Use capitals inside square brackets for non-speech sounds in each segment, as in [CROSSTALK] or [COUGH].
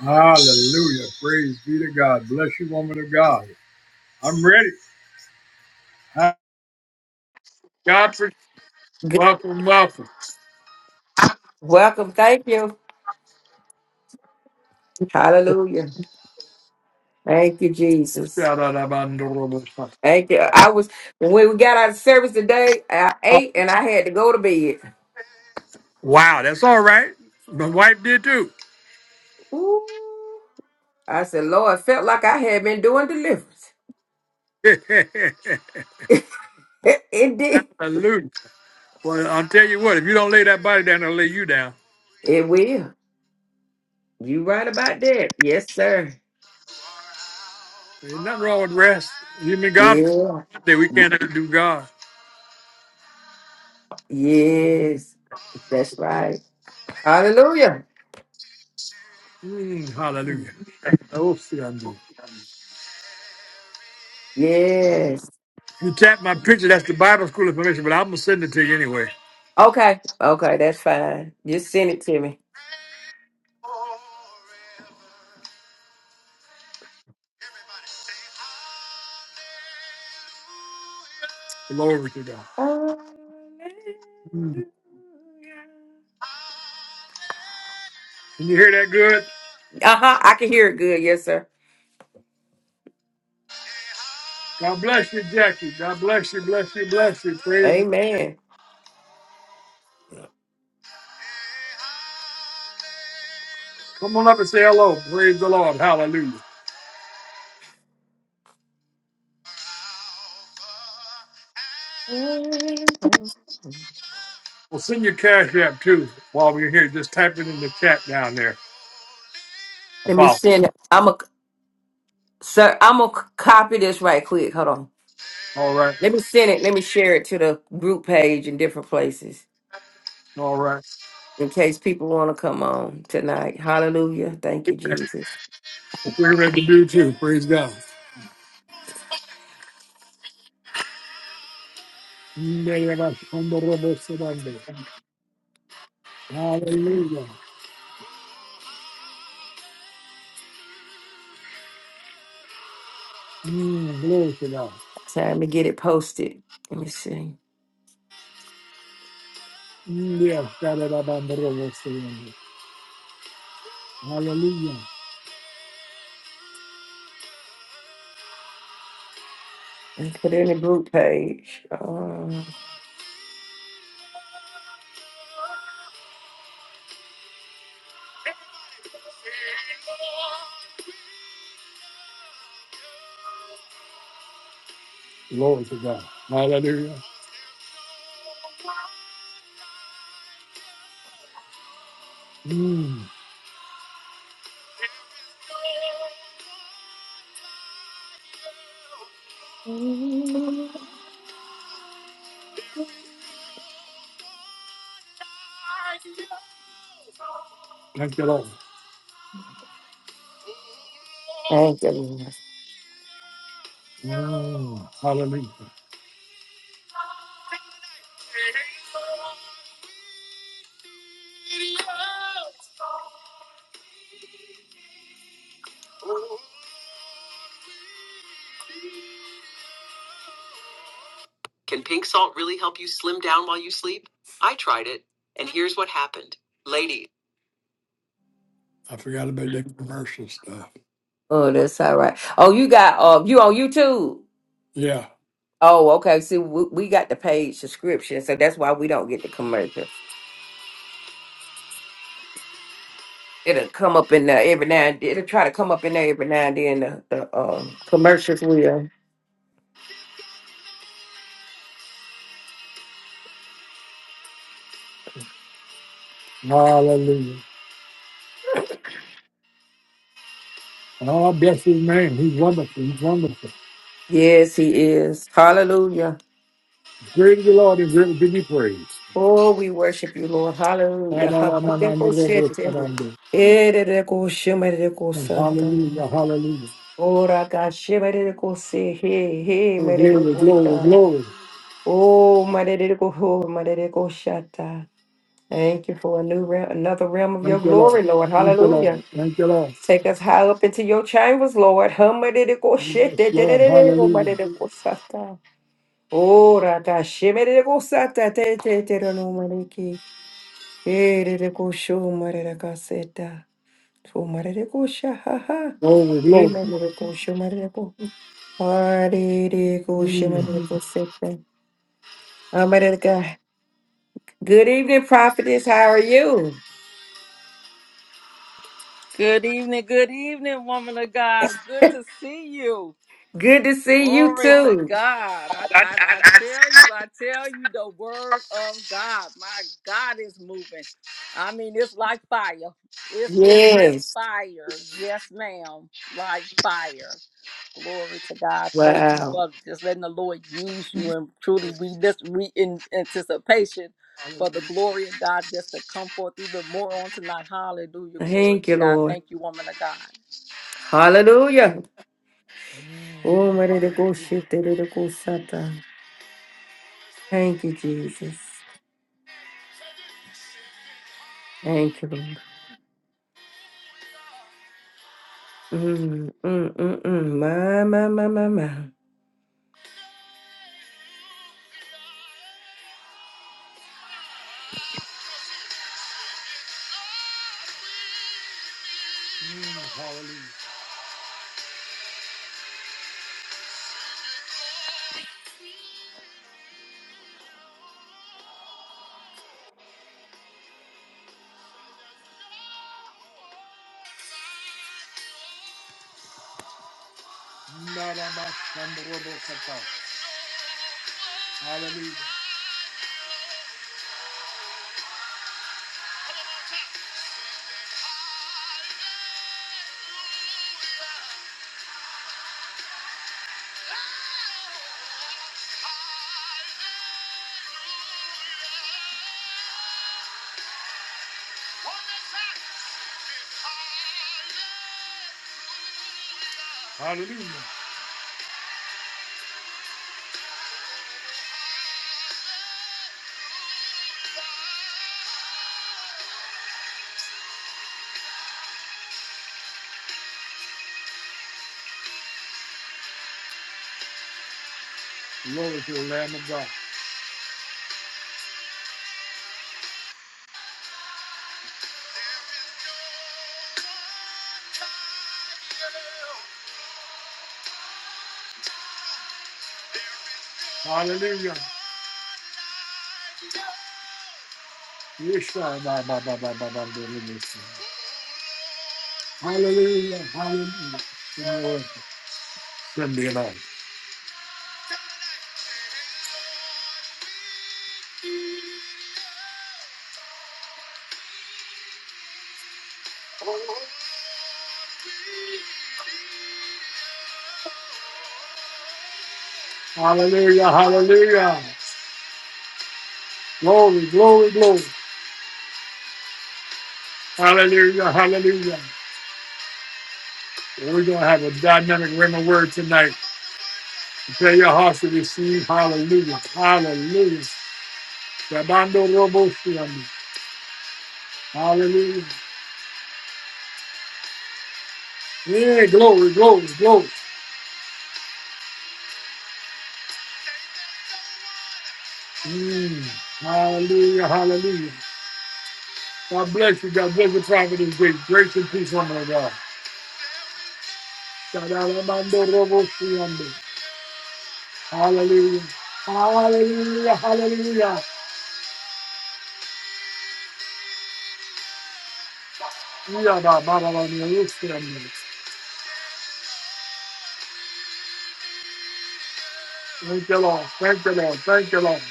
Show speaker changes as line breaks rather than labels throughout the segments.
Hallelujah. Praise be to God. Bless you, woman of God. I'm ready. God for
Good.
welcome, welcome.
Welcome. Thank you. Hallelujah. Thank you, Jesus. Thank you. I was when we got out of service today, I ate and I had to go to bed.
Wow, that's all right. My wife did too.
Ooh. I said, Lord, it felt like I had been doing deliverance. [LAUGHS]
[LAUGHS]
It, did.
Hallelujah. Well, I'll tell you what, if you don't lay that body down, it'll lay you down.
It will. You right about that. Yes, sir.
There's nothing wrong with rest. You mean God
Yeah.
that we
Y-
can't do God.
yes. That's right. Hallelujah.
Mm, hallelujah. Oh, see, I do.
Yes.
If you tap my picture, that's the Bible school information, but I'm gonna send it to you anyway.
Okay. Okay, that's fine. Just send it to me.
Glory to God.
Uh
Mm. Can you hear that good?
huh. I can hear it good. Yes, sir.
God bless you, Jackie. God bless you, bless you, bless you. Praise.
Amen.
Come on up and say hello. Praise the Lord. Hallelujah.
Let
We'll send your cash app too while we're here. Just type it in the chat down there.
me
Apostle.
send it. I'm a sir. I'm gonna copy this right quick. Hold on.
All right.
Let me send it. Let me share it to the group page in different places
All right.
in case people want to come on tonight. Hallelujah. Thank you, Jesus.
That's what we're ready to do too. Praise God. Hallelujah. Mm, glory to God.
Time to get it posted. Let me see.
Mm, yes, God. that I'm on the road with you. Hallelujah.
Let me Put it in the group page. Uh,
Glory to God. Hallelujah. Mm, thank you, Lord.
thank you. Lord.
Mm, hallelujah. Can pink salt really help you slim down while you sleep? I tried it, and here's what happened. Lady, I forgot about that commercial stuff.
Oh, that's all right. Oh, you got uh, you on YouTube?
Yeah.
Oh, okay. See, we, we got the paid subscription, so that's why we don't get the commercials. It'll come up in there every now and it'll try to come up in there every now and then. The, the um, commercials will.
Hallelujah. And all bless his name. He's wonderful. He's wonderful.
Yes, he is. Hallelujah.
Great is the Lord and greatly to be praised.
Oh, we worship you, Lord.
And
Hallelujah. [LAUGHS] Hallelujah. Erereko shemereko santa.
Hallelujah. Hallelujah.
Ora ka shemereko se he he
Oh, glory, glory,
mereko
glory.
Oh, Maririko, Maririko Shata. Thank you for a new realm, another realm of your
Thank you, Lord.
glory, Lord.
Thank you,
Hallelujah.
Lord. Thank you, Lord.
Take us high up into your chambers, Lord. Hamaririko Shete,
Yes, Lord.
Tererereriko,
Hallelujah.
Maririko Sata. Oh, Rata, Shemiriko Sata, Te, Te, Te, Rano, Mariki. Eririko Sho, Maririka Seta. Sho, Maririko Shahaha.
Glory, glory.
Emiriko Sho, Maririko. Haririko
Mm.
Shemiriko Seta. Good evening, prophetess. How are you?
Good evening, good evening, woman of God. Good to see you.
Good to see you
Glory to
too.
God. I, I, I tell you, I tell you, the word of God. My God is moving. I mean, it's like fire. It's been like
Yes.
fire. Yes, ma'am. Like fire. Glory to God. Thank you
Wow.
for just letting the Lord use you. And truly, we just we in anticipation for the glory of God just to come forth even more on tonight. Hallelujah. Glory
Thank
to
you,
God.
Lord.
Thank you, woman of God.
Hallelujah. Oh, my little
Hallelujah.
go shit, the little go sata. Thank you, Jesus. Thank you, Lord. Mm, mm, mm, mm. My, my, my, my, my.
Mm, hallelujah. Naramasandorobokata. Hallelujah. Hallelujah. Glory to the Lamb of God. Hallelujah. Yeshua, ba, ba, ba, ba, ba, ba, ba, ba, ba. Hallelujah. Hallelujah. Lord, send me along. Hallelujah. Hallelujah. Glory, glory, glory. Hallelujah. Hallelujah. We're going to have a dynamic ring of word tonight. Prepare your hearts to receive. Hallelujah. Hallelujah. Rabando Robo Shiam. Hallelujah. Yeah, glory, glory, glory. Mm. Hallelujah, hallelujah. God bless you. God bless the prophet and great grace and peace, woman of God. Shadalamando robo siyando. Hallelujah. Hallelujah, hallelujah. Yadabarabani uskiyando. Thank you, Lord. Thank you, Lord. Thank you, Lord.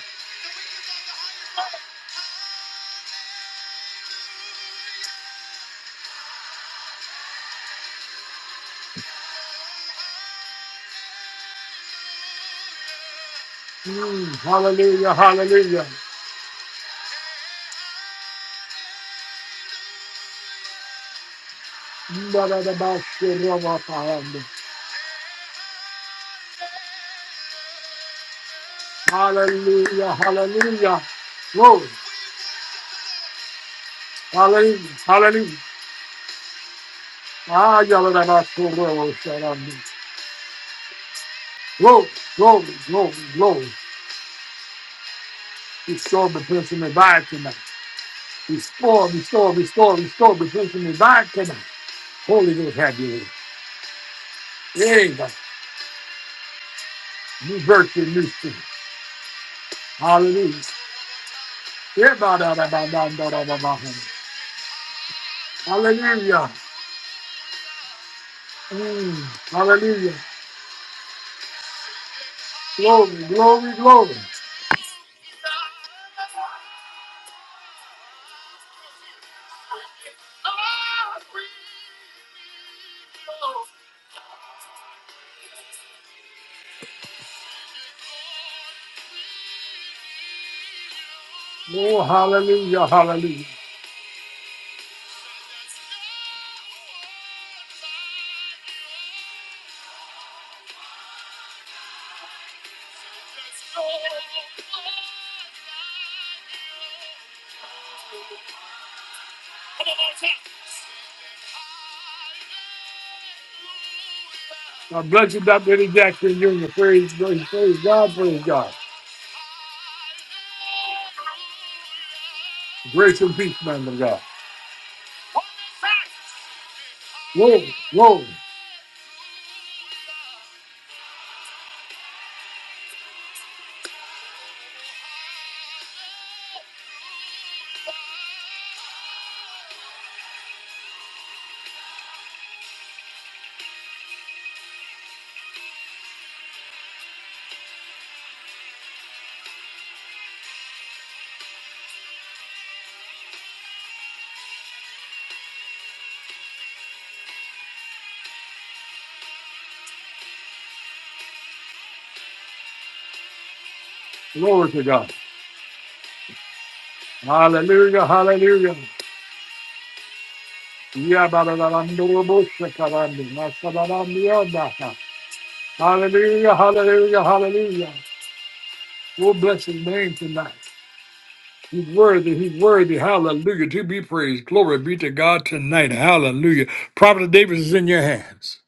Mm. Hallelujah, hallelujah. Mbadadabashirabapahando. Hallelujah, hallelujah. Glory. Hallelujah. Hallelujah. Ah, y'all are not so well, shut up. Glory, glory, glory, glory. Restore me, the person revived tonight. Restore, restore, restore, restore me, the person revived tonight. Holy Ghost have you. Hey, God. New virtue, new strength. Hallelujah. Yeah, ba, da, da, ba, da, da, da, da, ba. ba. Hallelujah. Mm, hallelujah. Glory, glory, glory. Oh, hallelujah, hallelujah. God bless you, Dr. Eddie Jackson Jr. Praise, praise, praise God, praise God. Grace and peace, man of God. Glory, glory, glory to God. Hallelujah, hallelujah. Yabarabandoroboshakarandi, masabarandiyadaha. Hallelujah, hallelujah, hallelujah. we bless his name tonight. He's worthy, he's worthy. Hallelujah. To be praised. Glory be to God tonight. Hallelujah. Prophet Davis is in your hands.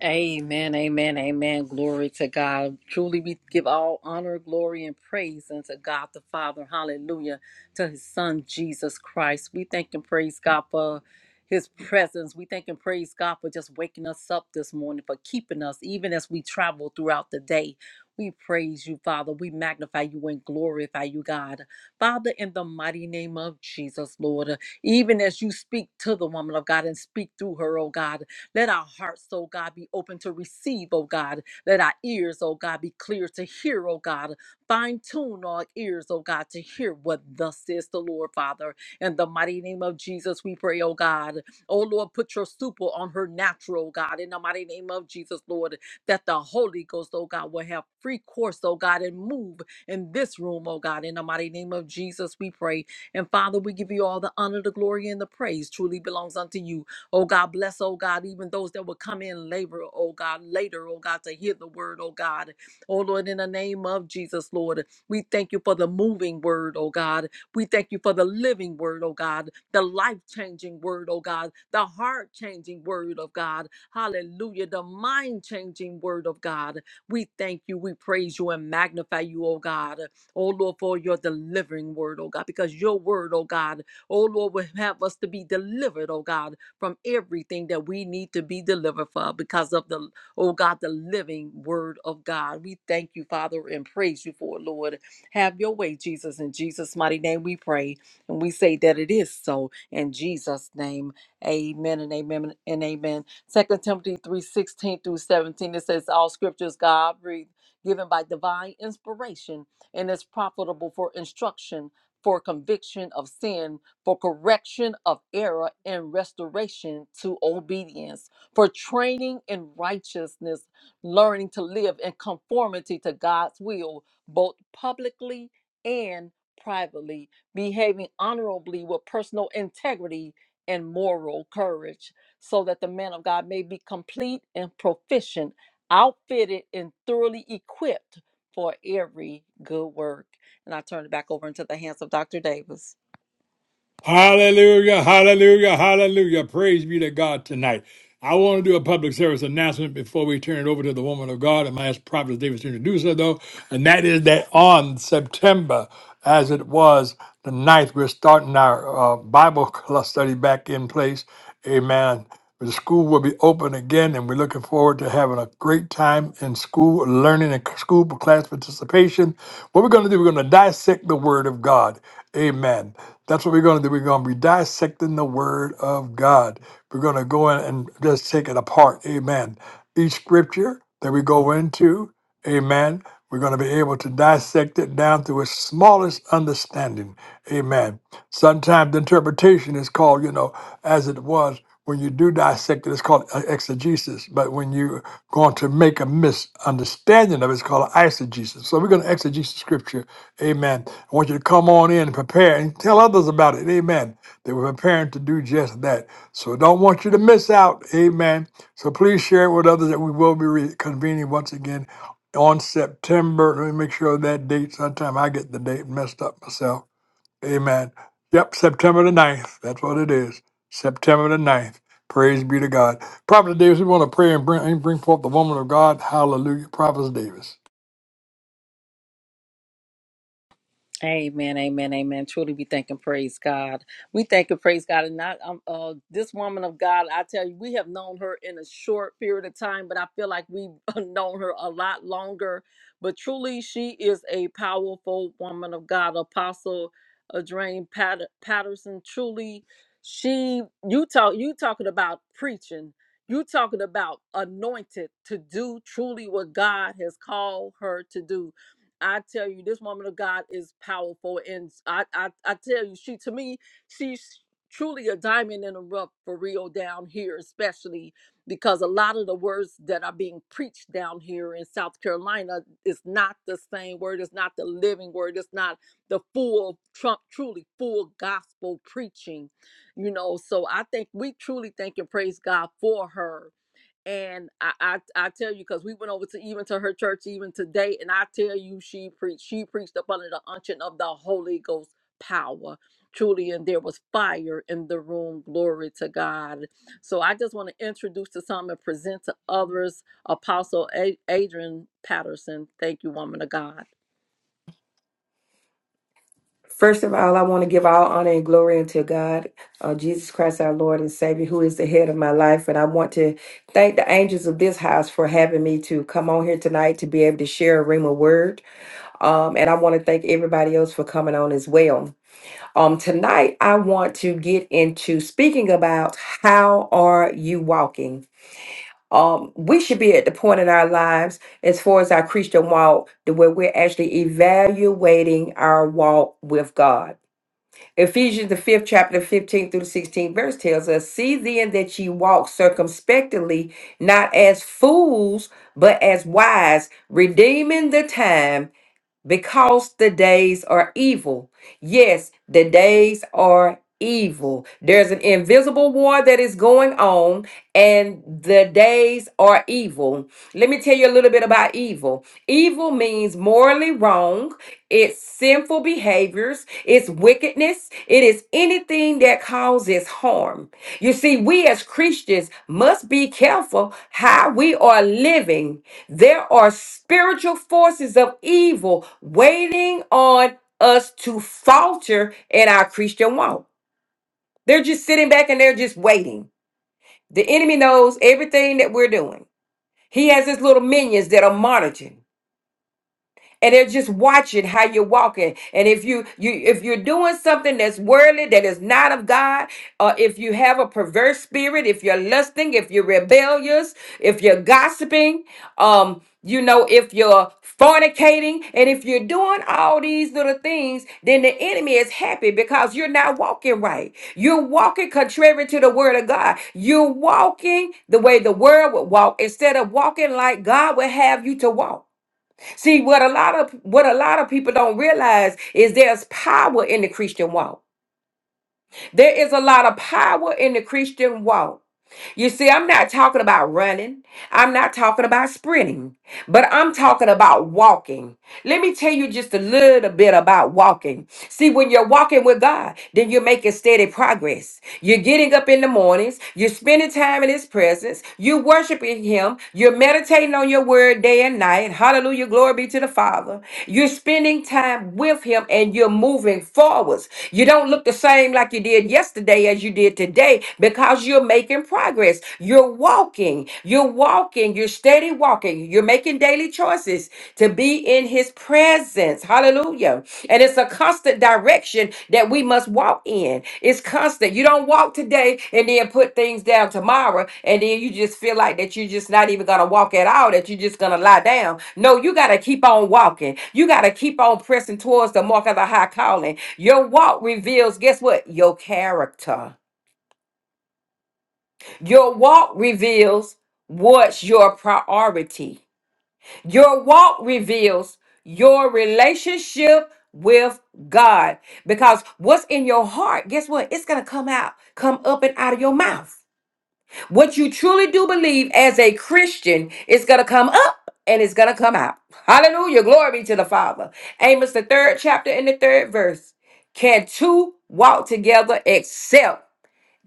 Amen, amen, amen. Glory to God. Truly, we give all honor, glory, and praise unto God the Father. Hallelujah. To his Son, Jesus Christ. We thank and praise God for his presence. We thank and praise God for just waking us up this morning, for keeping us, even as we travel throughout the day. We praise you, Father. We magnify you and glorify you, God. Father, in the mighty name of Jesus, Lord, even as you speak to the woman of God and speak through her, oh God. Let our hearts, oh God, be open to receive, oh God. Let our ears, oh God, be clear to hear, oh God. Fine tune our ears, oh God, to hear what thus says the Lord, Father. In the mighty name of Jesus, we pray, oh God. Oh Lord, put your super on her natural, oh God. In the mighty name of Jesus, Lord, that the Holy Ghost, oh God, will have free course, oh God, and move in this room, oh God. In the mighty name of Jesus, we pray. And Father, we give you all the honor, the glory, and the praise truly belongs unto you. Oh God, bless, oh God, even those that will come in labor, oh God, later, oh God, to hear the word, oh God. Oh Lord, in the name of Jesus, Lord, we thank you for the moving word, oh God. We thank you for the living word, oh God, the life changing word, oh God, the heart changing word of God. Hallelujah, the mind changing word of God. We thank you, we praise you, and magnify you, oh God. Oh Lord, for your delivering word, oh God, because your word, oh God, oh Lord, will have us to be delivered, oh God from everything that we need to be delivered from because of the, oh God, the living word of God. We thank you, Father, and praise you for it, Lord. Have your way, Jesus. In Jesus' mighty name we pray. And we say that it is so. In Jesus' name, amen and amen and amen. Second Timothy three sixteen through 17, it says, All scriptures God breathed, given by divine inspiration, and is profitable for instruction, for conviction of sin for correction of error and restoration to obedience, for training in righteousness, learning to live in conformity to God's will, both publicly and privately, behaving honorably with personal integrity and moral courage, so that the man of God may be complete and proficient, outfitted and thoroughly equipped for every good work. And I turn it back over into the hands of Dr. Davis.
Hallelujah, hallelujah, hallelujah. Praise be to God tonight. I want to do a public service announcement before we turn it over to the woman of God and my ask Prophet Davis to introduce her, though. And that is that on September, as it was the ninth, we're starting our uh, Bible [LAUGHS] class study back in place. Amen. The school will be open again, and we're looking forward to having a great time in school, learning and school class participation. What we're going to do, we're going to dissect the Word of God. Amen. That's what we're going to do. We're going to be dissecting the Word of God. We're going to go in and just take it apart. Amen. Each scripture that we go into, amen, we're going to be able to dissect it down to its smallest understanding. Amen. Sometimes the interpretation is called, you know, as it was when you do dissect it, it's called uh, exegesis. But when you're going to make a misunderstanding of it, it's called eisegesis. So we're going to exegesis scripture. Amen. I want you to come on in and prepare and tell others about it. Amen. They were preparing to do just that. So I don't want you to miss out. Amen. So please share it with others that we will be reconvening once again on September. Let me make sure of that date. Sometime I get the date messed up myself. Amen. Yep, September the ninth. That's what it is. September the ninth. Praise be to God. Prophet Davis, we want to pray and bring, and bring forth the woman of God. Hallelujah. Prophet Davis.
Amen, amen, amen. Truly, we thank and praise God. We thank and praise God, and not um, uh, this woman of God. I tell you, we have known her in a short period of time, but I feel like we've [LAUGHS] known her a lot longer. But truly, she is a powerful woman of God. Apostle Adrain Pat- Patterson. Truly, she you talk you talking about preaching. You talking about anointed to do truly what God has called her to do. I tell you, this woman of God is powerful, and I I, I tell you, she to me, she's truly a diamond in the rough for real down here, especially because a lot of the words that are being preached down here in South Carolina is not the same word, it's not the living word, it's not the full Trump truly full gospel preaching, you know. So I think we truly thank and praise God for her and I, I I tell you because we went over to even to her church even today, and I tell you she preached she preached up under the unction of the Holy Ghost power truly and there was fire in the room glory to god so i just want to introduce to some and present to others apostle A- adrian patterson thank you woman of god
First of all, I want to give all honor and glory unto God, uh, Jesus Christ, our Lord and Savior, who is the head of my life. And I want to thank the angels of this house for having me to come on here tonight to be able to share a ring of word. Um, and I want to thank everybody else for coming on as well. Um, tonight, I want to get into speaking about how are you walking? Um, we should be at the point in our lives, as far as our Christian walk, to where we're actually evaluating our walk with God. Ephesians the fifth chapter, fifteen through the sixteenth verse tells us, "See then that ye walk circumspectly, not as fools, but as wise, redeeming the time." because the days are evil. Yes, the days are evil. There's an invisible war that is going on, and the days are evil. Let me tell you a little bit about evil. Evil means morally wrong, it's sinful behaviors, it's wickedness, it is anything that causes harm. You see, we as Christians must be careful how we are living there are spiritual forces of evil waiting on us to falter in our Christian walk. They're just sitting back and they're just waiting. The enemy knows everything that we're doing. He has his little minions that are monitoring and they're just watching how you're walking and if you you if you're doing something that's worldly that is not of god or if you have a perverse spirit if you're lusting if you're rebellious if you're gossiping um you know if you're fornicating and if you're doing all these little things then the enemy is happy because you're not walking right you're walking contrary to the word of god you're walking the way the world would walk instead of walking like god would have you to walk See, what a lot of what a lot of people don't realize is there's power in the Christian walk. There is a lot of power in the Christian walk. You see, I'm not talking about running. I'm not talking about sprinting. But I'm talking about walking. Let me tell you just a little bit about walking. See, when you're walking with God, then you're making steady progress. You're getting up in the mornings, you're spending time in His presence, you're worshiping Him, you're meditating on your word day and night. Hallelujah, glory be to the Father. You're spending time with Him and you're moving forwards. You don't look the same like you did yesterday as you did today because you're making progress. You're walking walking. You're walking. You're steady walking. You're making daily choices to be in his presence. Hallelujah. And it's a constant direction that we must walk in. It's constant. You don't walk today and then put things down tomorrow and then you just feel like that you're just not even going to walk at all, that you're just going to lie down. No, you got to keep on walking. You got to keep on pressing towards the mark of the high calling. Your walk reveals, guess what? Your character. Your walk reveals what's your priority. Your walk reveals your relationship with God. Because what's in your heart, guess what? It's going to come out, come up and out of your mouth. What you truly do believe as a Christian is going to come up and it's going to come out. Hallelujah. Glory be to the Father. Amos, the third chapter and the third verse. Can two walk together except?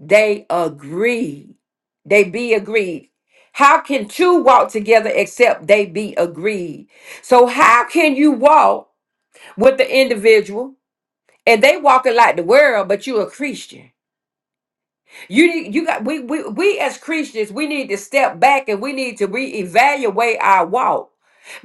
they agree they be agreed how can two walk together except they be agreed so how can you walk with the individual and they walking like the world but you a christian you need you got we we, we as christians we need to step back and we need to reevaluate our walk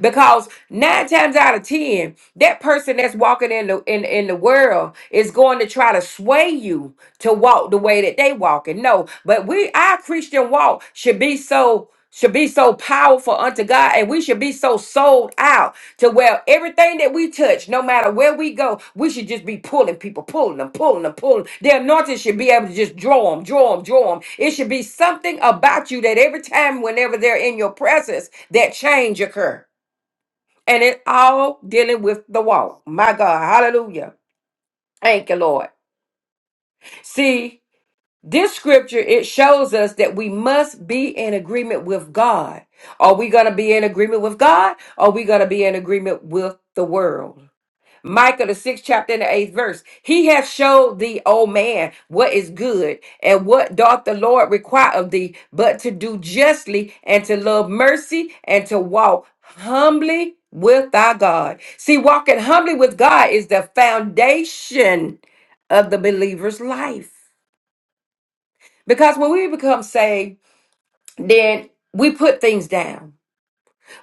because nine times out of ten, that person that's walking in the in, in the world is going to try to sway you to walk the way that they walking. No, but we our Christian walk should be so should be so powerful unto God, and we should be so sold out to where everything that we touch, no matter where we go, we should just be pulling people, pulling them, pulling them, pulling them. The anointing should be able to just draw them, draw them, draw them. It should be something about you that every time, whenever they're in your presence, that change occur and it all dealing with the walk. My God, hallelujah. Thank you, Lord. See, this scripture it shows us that we must be in agreement with God. Are we going to be in agreement with God? are we going to be in agreement with the world? Micah, the sixth chapter and the eighth verse. He hath showed thee, O man, what is good, and what doth the Lord require of thee, but to do justly, and to love mercy, and to walk humbly with thy God. See, walking humbly with God is the foundation of the believer's life. Because when we become saved, then we put things down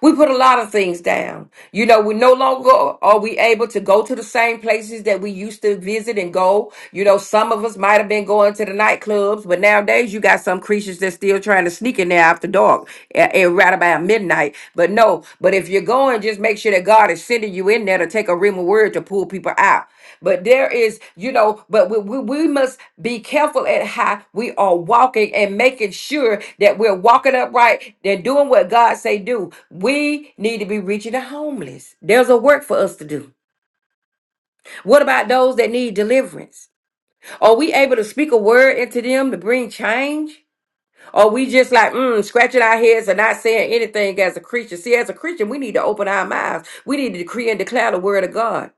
we put a lot of things down. You know, we no longer are we able to go to the same places that we used to visit and go. You know, some of us might have been going to the nightclubs, but nowadays you got some creatures that's still trying to sneak in there after dark and, and right about midnight. But no, but if you're going, just make sure that God is sending you in there to take a rim of word to pull people out. But there is, you know, but we, we, we must be careful at how we are walking and making sure that we're walking upright. They're doing what God say do. We need to be reaching the homeless. There's a work for us to do. What about those that need deliverance? Are we able to speak a word into them to bring change? Are we just like mm, scratching our heads and not saying anything as a creature? See, as a Christian, we need to open our mouths. We need to decree and declare the word of God.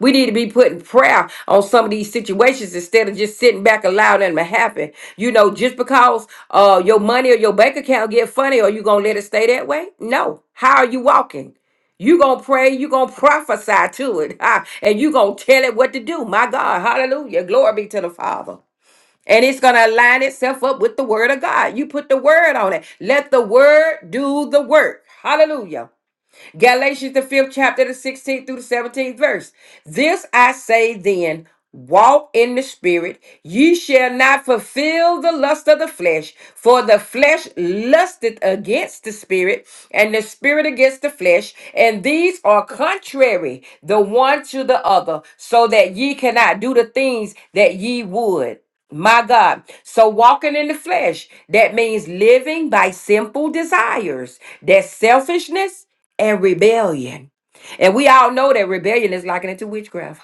We need to be putting prayer on some of these situations instead of just sitting back and allowing them to happen. You know, just because uh your money or your bank account get funny, are you gonna let it stay that way? No. How are you walking? You gonna pray, you gonna prophesy to it, [LAUGHS] ah, and you gonna tell it what to do. My God, hallelujah. Glory be to the Father. And it's gonna align itself up with the word of God. You put the word on it. Let the word do the work. Hallelujah. Galatians, the fifth chapter, the 16th through the 17th verse. This I say then walk in the spirit, ye shall not fulfill the lust of the flesh, for the flesh lusteth against the spirit, and the spirit against the flesh, and these are contrary the one to the other, so that ye cannot do the things that ye would. My God. So walking in the flesh, that means living by simple desires. That's selfishness and rebellion. And we all know that rebellion is likened to witchcraft.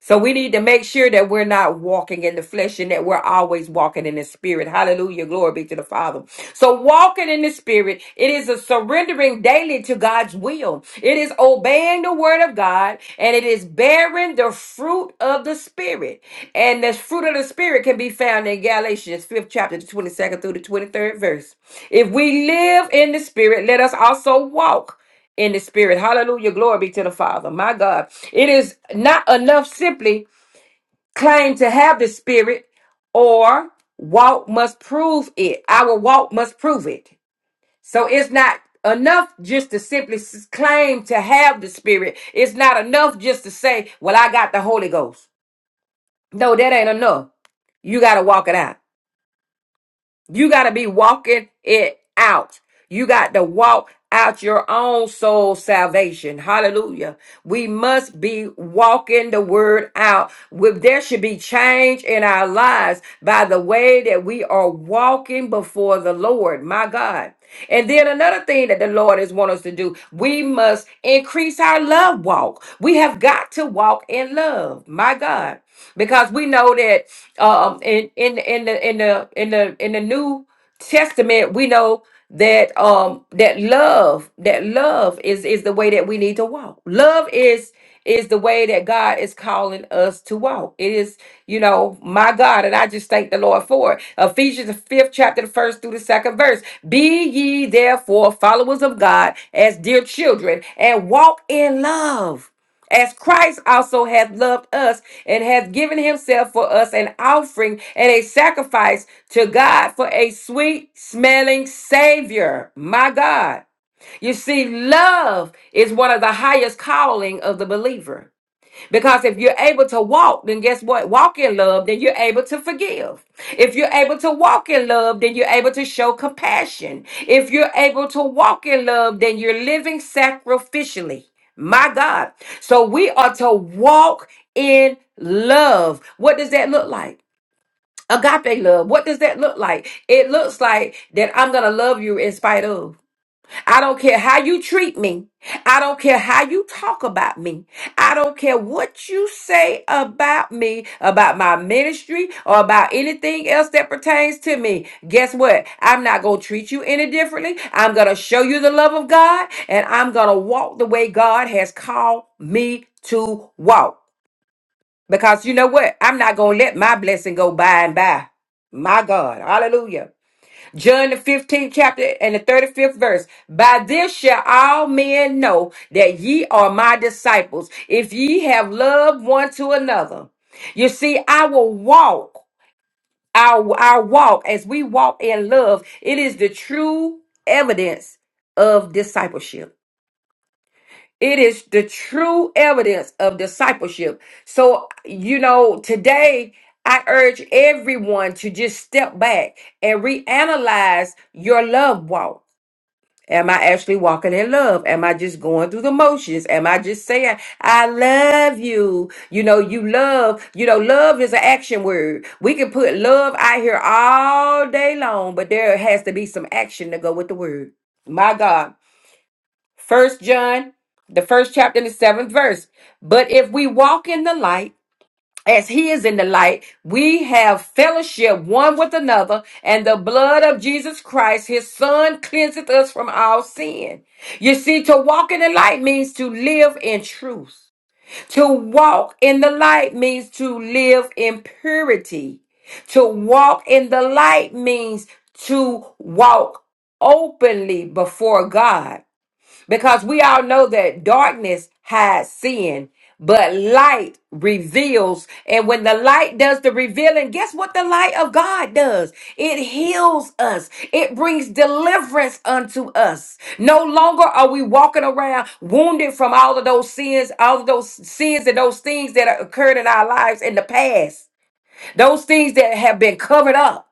So we need to make sure that we're not walking in the flesh and that we're always walking in the spirit. Hallelujah. Glory be to the Father. So walking in the spirit, it is a surrendering daily to God's will. It is obeying the word of God and it is bearing the fruit of the spirit. And the fruit of the spirit can be found in Galatians 5th chapter, the 22nd through the 23rd verse. If we live in the spirit, let us also walk in the spirit. Hallelujah. Glory be to the Father. My God. It is not enough simply claim to have the spirit or walk must prove it. Our walk must prove it. So it's not enough just to simply s- claim to have the spirit. It's not enough just to say, well, I got the Holy Ghost. No, that ain't enough. You got to walk it out. You got to be walking it out. You got to walk out your own soul salvation. Hallelujah. We must be walking the word out. With there should be change in our lives by the way that we are walking before the Lord. My God. And then another thing that the Lord is wanting us to do, we must increase our love walk. We have got to walk in love, my God, because we know that um, in in in the in the in the in the New Testament, we know that um that love that love is is the way that we need to walk. Love is is the way that God is calling us to walk. It is, you know, my God, and I just thank the Lord for it. Ephesians, the fifth chapter, the first through the second verse. Be ye therefore followers of God as dear children and walk in love. As Christ also hath loved us and hath given himself for us an offering and a sacrifice to God for a sweet smelling Savior. My God. You see, love is one of the highest calling of the believer. Because if you're able to walk, then guess what? Walk in love, then you're able to forgive. If you're able to walk in love, then you're able to show compassion. If you're able to walk in love, then you're living sacrificially. My God. So we are to walk in love. What does that look like? Agape love. What does that look like? It looks like that I'm going to love you in spite of. I don't care how you treat me. I don't care how you talk about me. I don't care what you say about me, about my ministry, or about anything else that pertains to me. Guess what? I'm not going to treat you any differently. I'm going to show you the love of God, and I'm going to walk the way God has called me to walk. Because you know what? I'm not going to let my blessing go by and by. My God. Hallelujah. John the 15th chapter and the 35th verse. By this shall all men know that ye are my disciples, if ye have love one to another. You see, I will walk, our, our walk, as we walk in love, it is the true evidence of discipleship. It is the true evidence of discipleship. So, you know, today I urge everyone to just step back and reanalyze your love walk. Am I actually walking in love? Am I just going through the motions? Am I just saying, I love you? You know, you love, you know, love is an action word. We can put love out here all day long, but there has to be some action to go with the word. My God. First John, the first chapter and the seventh verse. But if we walk in the light, as he is in the light, we have fellowship one with another, and the blood of Jesus Christ, his son, cleanseth us from all sin. You see, to walk in the light means to live in truth. To walk in the light means to live in purity. To walk in the light means to walk openly before God. Because we all know that darkness hides sin, but light reveals. And when the light does the revealing, guess what the light of God does? It heals us, it brings deliverance unto us. No longer are we walking around wounded from all of those sins, all of those sins and those things that occurred in our lives in the past, those things that have been covered up.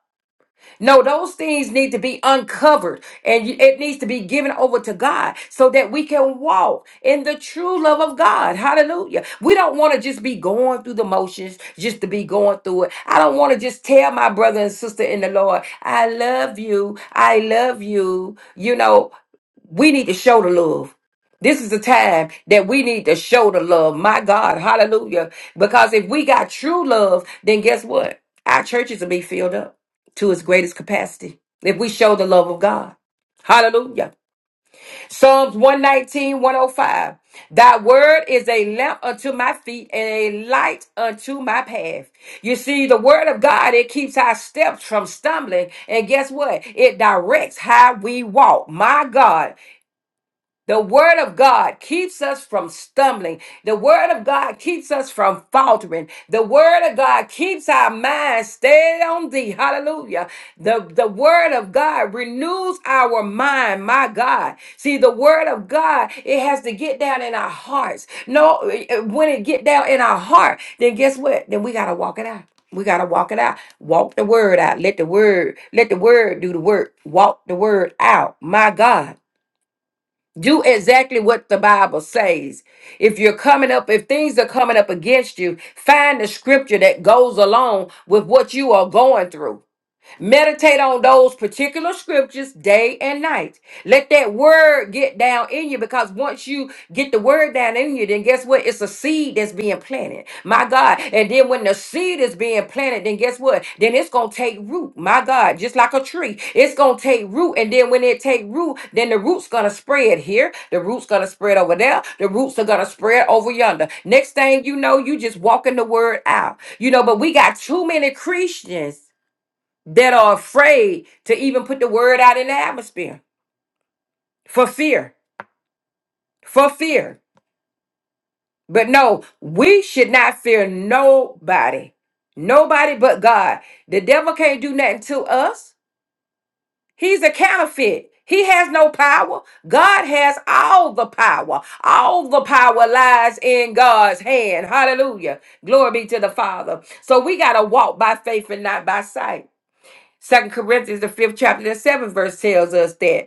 No, those things need to be uncovered and you- it needs to be given over to God so that we can walk in the true love of God. Hallelujah. We don't want to just be going through the motions just to be going through it. I don't want to just tell my brother and sister in the Lord, I love you. I love you. You know, we need to show the love. This is a time that we need to show the love. My God, hallelujah. Because if we got true love, then guess what? Our churches will be filled up to its greatest capacity if we show the love of God. Hallelujah. Psalms one nineteen one oh five. Thy word is a lamp unto my feet and a light unto my path. You see, the word of God, it keeps our steps from stumbling. And guess what? It directs how we walk. My God. The word of God keeps us from stumbling. The word of God keeps us from faltering. The word of God keeps our minds stayed on thee. Hallelujah. The, the word of God renews our mind, my God. See, the word of God, it has to get down in our hearts. No, eh, eh, when it get down in our heart, then guess what? Then we gotta walk it out. We gotta walk it out. Walk the word out. Let the word, let the word do the work. Walk the word out. My God do exactly what the bible says if you're coming up if things are coming up against you find the scripture that goes along with what you are going through Meditate on those particular scriptures day and night. Let that word get down in you because once you get the word down in you, then guess what? It's a seed that's being planted. My God. And then when the seed is being planted, then guess what? Then it's going to take root. My God. Just like a tree, it's going to take root. And then when it take root, then the root's going to spread here. The root's going to spread over there. The roots are going to spread over yonder. Next thing you know, you just walking the word out. You know, but we got too many Christians that are afraid to even put the word out in the atmosphere for fear, for fear. But no, we should not fear nobody, nobody but God. The devil can't do nothing to us. He's a counterfeit. He has no power. God has all the power. All the power lies in God's hand. Hallelujah. Glory be to the Father. So we got to walk by faith and not by sight. Second Corinthians, the fifth chapter, the seventh verse tells us that.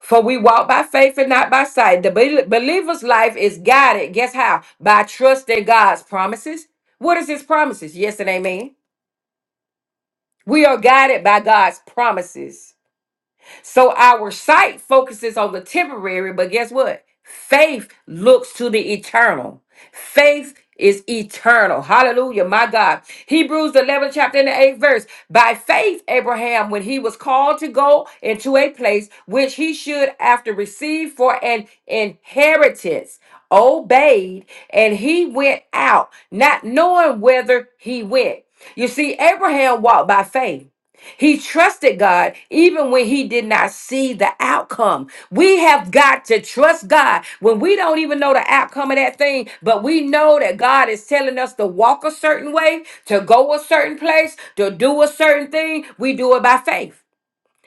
For we walk by faith and not by sight. The bel- believer's life is guided, guess how? By trusting God's promises. What is his promises? Yes and amen. We are guided by God's promises. So our sight focuses on the temporary, but guess what? Faith looks to the eternal. Faith is eternal. Hallelujah, my God. Hebrews 11, chapter and the 8th verse. By faith, Abraham, when he was called to go into a place which he should after receive for an inheritance, obeyed, and he went out, not knowing whether he went. You see, Abraham walked by faith. He trusted God even when he did not see the outcome. We have got to trust God when we don't even know the outcome of that thing, but we know that God is telling us to walk a certain way, to go a certain place, to do a certain thing. We do it by faith.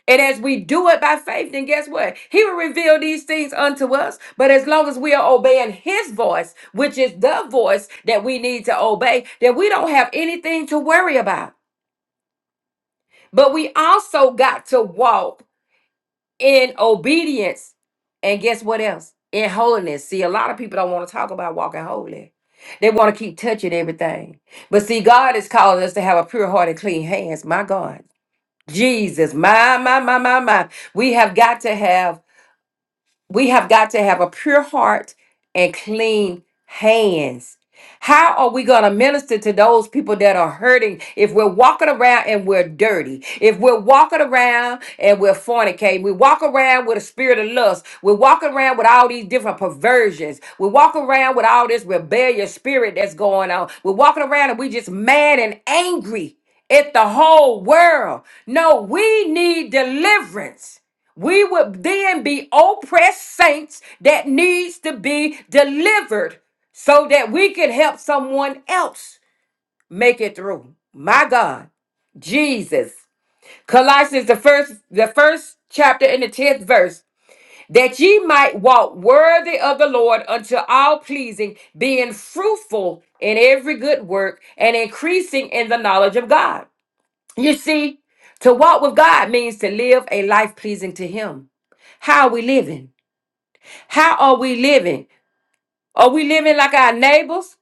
And as we do it by faith, then guess what? He will reveal these things unto us. But as long as we are obeying his voice, which is the voice that we need to obey, then we don't have anything to worry about. But we also got to walk in obedience. And guess what else? In holiness. See, a lot of people don't want to talk about walking holy. They want to keep touching everything. But see, God is calling us to have a pure heart and clean hands. My God. Jesus, my, my, my, my, my. We have got to have we have got to have a pure heart and clean hands. How are we going to minister to those people that are hurting if we're walking around and we're dirty? If we're walking around and we're fornicating, we walk around with a spirit of lust, we walk around with all these different perversions, we walk around with all this rebellious spirit that's going on, we're walking around and we just mad and angry at the whole world. No, we need deliverance. We would then be oppressed saints that needs to be delivered so that we can help someone else make it through. My God, Jesus. Colossians the first the first chapter in the 10th verse that ye might walk worthy of the Lord unto all pleasing, being fruitful in every good work and increasing in the knowledge of God. You see, to walk with God means to live a life pleasing to him. How are we living? How are we living? Are we living like our neighbors?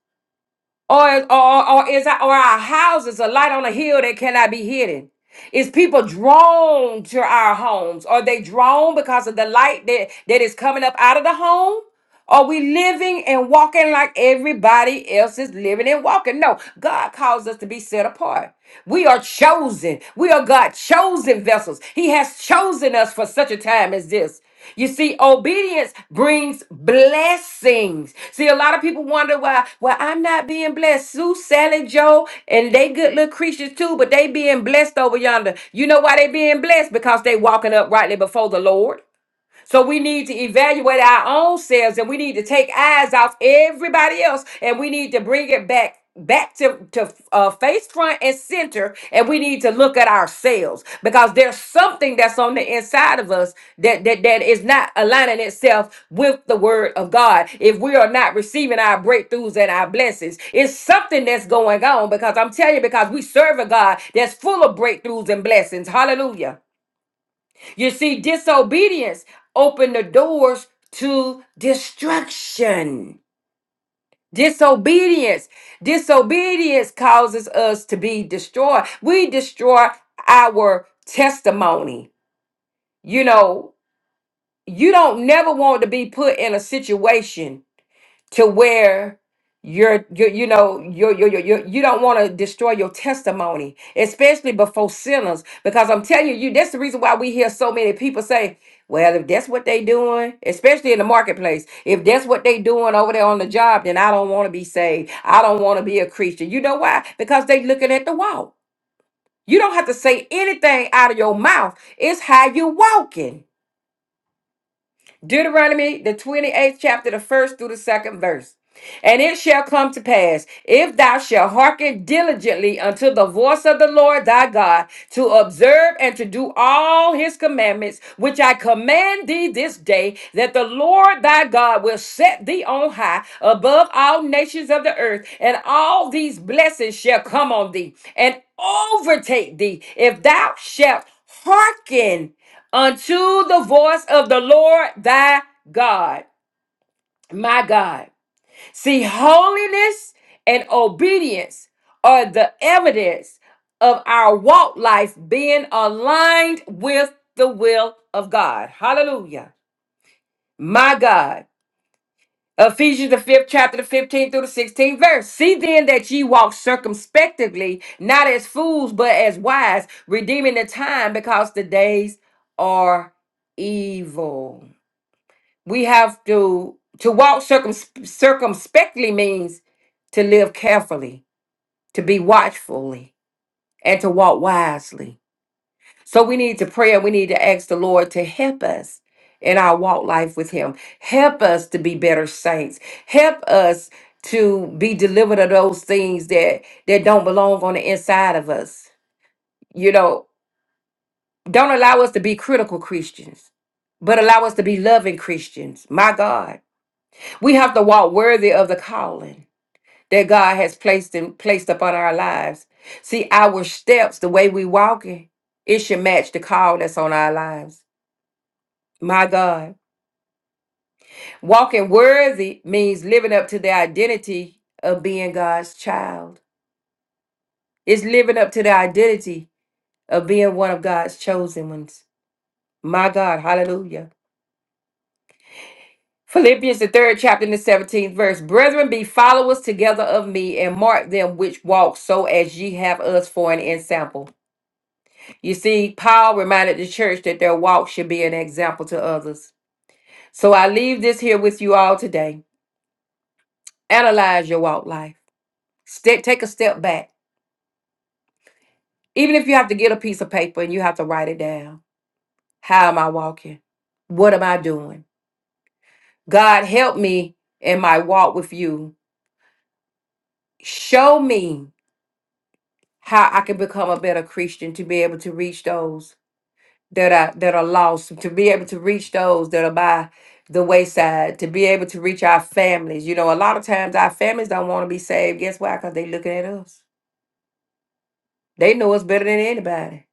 Or, or, or is our, or our houses a light on a hill that cannot be hidden? Is people drawn to our homes? Are they drawn because of the light that, that is coming up out of the home? Are we living and walking like everybody else is living and walking? No, God calls us to be set apart. We are chosen. We are God's chosen vessels. He has chosen us for such a time as this. You see, obedience brings blessings. See, a lot of people wonder why, well, I'm not being blessed. Sue, Sally, Joe, and they good little creatures too, but they being blessed over yonder. You know why they being blessed? Because they walking uprightly before the Lord. So we need to evaluate our own selves and we need to take eyes off everybody else and we need to bring it back back to, to uh, face front and center and we need to look at ourselves because there's something that's on the inside of us that, that that is not aligning itself with the word of god if we are not receiving our breakthroughs and our blessings it's something that's going on because i'm telling you because we serve a god that's full of breakthroughs and blessings hallelujah you see, disobedience opened the doors to destruction. Disobedience. Disobedience causes us to be destroyed. We destroy our testimony. You know, you don't never want to be put in a situation to where you're, you're you know you're, you're, you're, you're, you do not want to destroy your testimony especially before sinners because i'm telling you that's the reason why we hear so many people say well if that's what they doing especially in the marketplace if that's what they doing over there on the job then i don't want to be saved i don't want to be a christian you know why because they looking at the walk. you don't have to say anything out of your mouth it's how you walking Deuteronomy, the 28th chapter, the first through the second verse. And it shall come to pass, if thou shalt hearken diligently unto the voice of the Lord thy God, to observe and to do all his commandments, which I command thee this day, that the Lord thy God will set thee on high above all nations of the earth, and all these blessings shall come on thee and overtake thee, if thou shalt hearken unto the voice of the Lord thy God, my God. See, holiness and obedience are the evidence of our walk life being aligned with the will of God. Hallelujah. My God. Ephesians the fifth chapter, the 15th through the 16th verse. See then that ye walk circumspectly, not as fools, but as wise, redeeming the time because the days are evil. we have to to walk circum, circumspectly means to live carefully to be watchfully and to walk wisely so we need to pray and we need to ask the lord to help us in our walk life with him help us to be better saints help us to be delivered of those things that that don't belong on the inside of us you know don't allow us to be critical christians but allow us to be loving christians my god We have to walk worthy of the calling that God has placed in placed upon our lives. See, our steps, the way we walking, it should match the call that's on our lives. My God. Walking worthy means living up to the identity of being God's child. It's living up to the identity of being one of God's chosen ones. My God, hallelujah. Philippians, the third chapter, and the 17th verse. Brethren, be followers together of me and mark them which walk so as ye have us for an example. You see, Paul reminded the church that their walk should be an example to others. So I leave this here with you all today. Analyze your walk life. Ste- take a step back. Even if you have to get a piece of paper and you have to write it down. How am I walking? What am I doing? God, help me in my walk with you. Show me how I can become a better Christian to be able to reach those that are that are lost, to be able to reach those that are by the wayside, to be able to reach our families. You know, a lot of times our families don't want to be saved. Guess why? Because they looking at us. They know us better than anybody.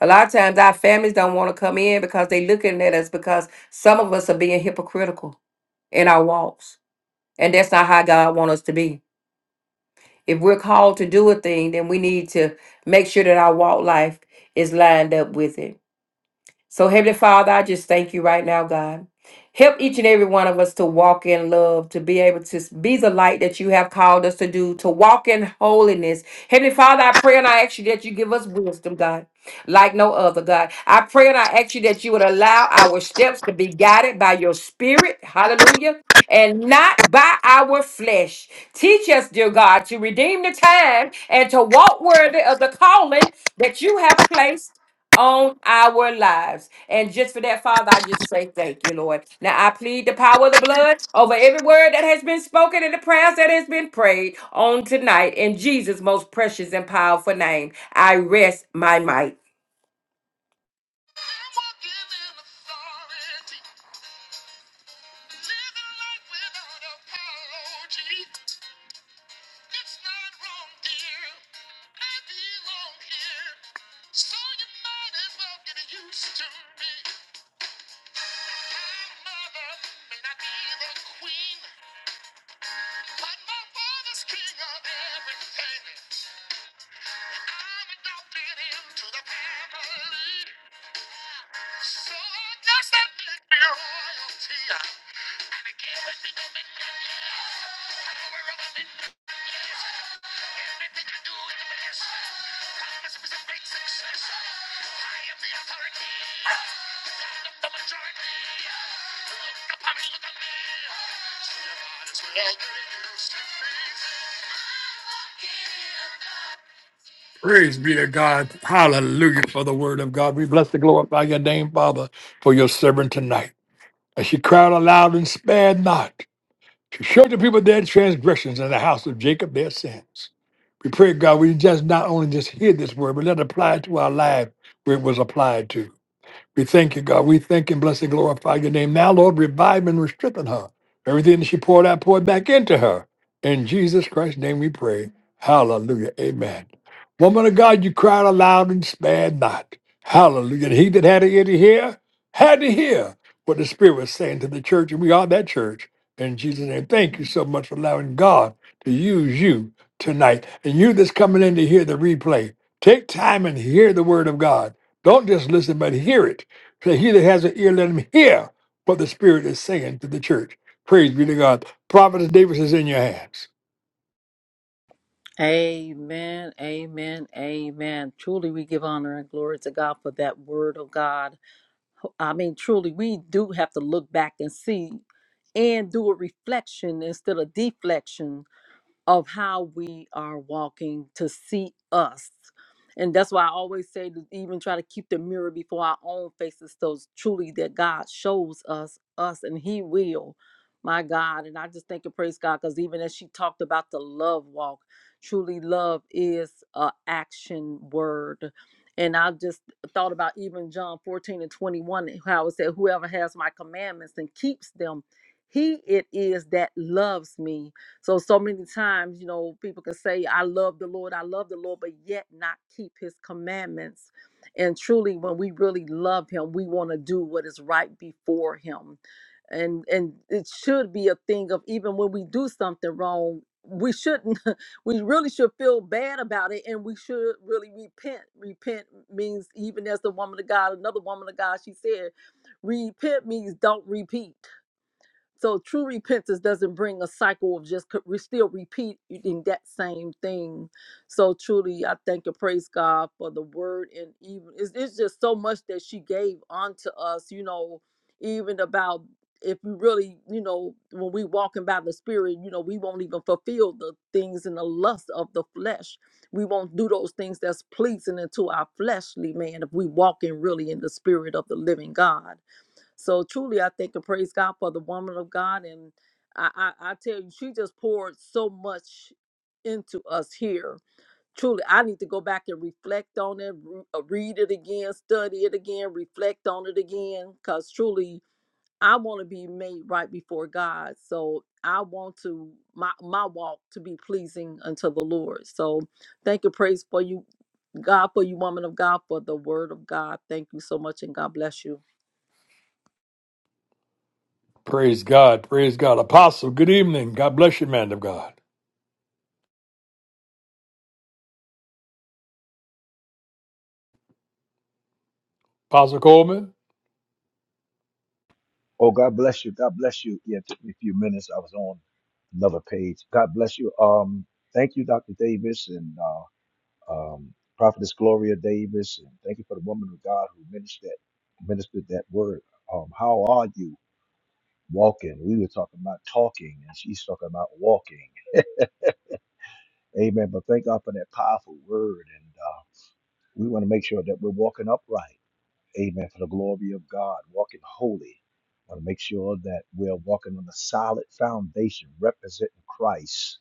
A lot of times our families don't want to come in because they looking at us because some of us are being hypocritical in our walks. And that's not how God wants us to be. If we're called to do a thing, then we need to make sure that our walk life is lined up with it. So, Heavenly Father, I just thank you right now, God. Help each and every one of us to walk in love, to be able to be the light that you have called us to do, to walk in holiness. Heavenly Father, I pray and I ask you that you give us wisdom, God, like no other, God. I pray and I ask you that you would allow our steps to be guided by your spirit. Hallelujah. And not by our flesh. Teach us, dear God, to redeem the time and to walk worthy of the calling that you have placed on our lives. And just for that, Father, I just say thank you, Lord. Now I plead the power of the blood over every word that has been spoken and the prayers that has been prayed on tonight in Jesus' most precious and powerful name. I rest my might.
Praise be to God. Hallelujah for the word of God. We bless the glorify your name, Father, for your servant tonight. And she cried aloud and spared not. She showed the people their transgressions and the house of Jacob their sins. We pray, God, we just not only just hear this word, but let it apply it to our life where it was applied to. We thank you, God. We thank and bless and glorify your name. Now, Lord, revive and restrengthen her. Everything that she poured out, poured back into her. In Jesus Christ's name we pray. Hallelujah. Amen. Woman of God, you cried aloud and spared not. Hallelujah. And he that had an ear to hear, had to hear what the Spirit was saying to the church. And we are that church. In Jesus' name, thank you so much for allowing God to use you tonight. And you that's coming in to hear the replay, take time and hear the word of God. Don't just listen, but hear it Say, he that has an ear, let him hear what the Spirit is saying to the church. Praise be to God. Prophet Davis is in your hands.
Amen, amen, amen. Truly, we give honor and glory to God for that word of God. I mean, truly, we do have to look back and see and do a reflection instead of deflection of how we are walking to see us. And that's why I always say to even try to keep the mirror before our own faces, so s- truly that God shows us us and He will. My God. And I just thank and praise God because even as she talked about the love walk, truly love is a action word. And I just thought about even John 14 and 21, how it said, Whoever has my commandments and keeps them, he it is that loves me so, so many times, you know, people can say, I love the Lord, I love the Lord, but yet not keep his commandments. And truly, when we really love him, we want to do what is right before him. And and it should be a thing of even when we do something wrong, we shouldn't [LAUGHS] we really should feel bad about it and we should really repent. Repent means even as the woman of God, another woman of God, she said, repent means don't repeat. So true repentance doesn't bring a cycle of just co- we still repeating that same thing. So truly, I thank and praise God for the word and even it's, it's just so much that she gave onto us. You know, even about if we really, you know, when we walking by the Spirit, you know, we won't even fulfill the things in the lust of the flesh. We won't do those things that's pleasing unto our fleshly man if we walking really in the Spirit of the living God. So truly, I thank and praise God for the woman of God. And I, I, I tell you, she just poured so much into us here. Truly, I need to go back and reflect on it, re- uh, read it again, study it again, reflect on it again. Because truly, I want to be made right before God. So I want to my my walk to be pleasing unto the Lord. So thank and praise for you, God, for you, woman of God, for the word of God. Thank you so much, and God bless you.
Praise God. Praise God. Apostle, good evening. God bless you, man of God. Apostle Coleman.
Oh, God bless you. God bless you. Yeah, it took me a few minutes. I was on another page. God bless you. Um, thank you, Dr. Davis and uh, um, Prophetess Gloria Davis, and thank you for the woman of God who ministered that ministered that word. Um, how are you walking? We were talking about talking, and she's talking about walking. Amen. But thank God for that powerful word, and uh, we want to make sure that we're walking upright. Amen. For the glory of God, walking holy. I want to make sure that we're walking on a solid foundation, representing Christ.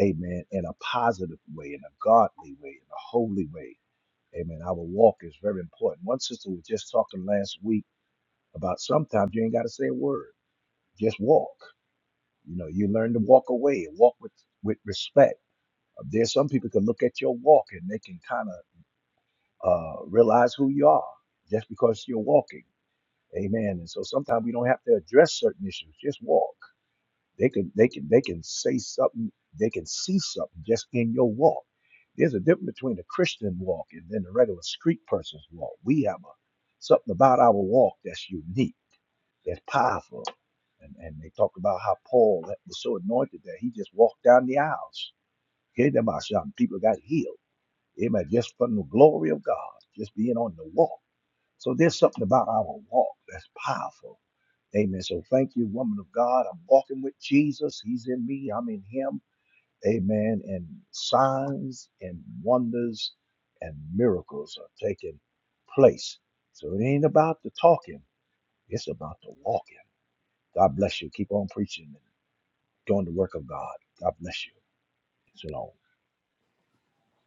Amen. In a positive way, in a godly way, in a holy way. Amen. Our walk is very important. One sister was just talking last week about sometimes you ain't got to say a word. Just walk. You know, you learn to walk away and walk with, with respect. There's some people can look at your walk and they can kind of uh, realize who you are just because you're walking. Amen. And so sometimes we don't have to address certain issues. Just walk. They can they can they can say something, they can see something just in your walk. There's a difference between a Christian walk and then the regular street person's walk. We have a something about our walk that's unique, that's powerful. And and they talk about how Paul was so anointed that he just walked down the aisles. Hear them out shouting, people got healed. Amen. Just from the glory of God, just being on the walk. So there's something about our walk that's powerful. Amen. So thank you, woman of God. I'm walking with Jesus. He's in me. I'm in him. Amen. And signs and wonders and miracles are taking place. So it ain't about the talking, it's about the walking. God bless you. Keep on preaching and doing the work of God. God bless you. Shalom.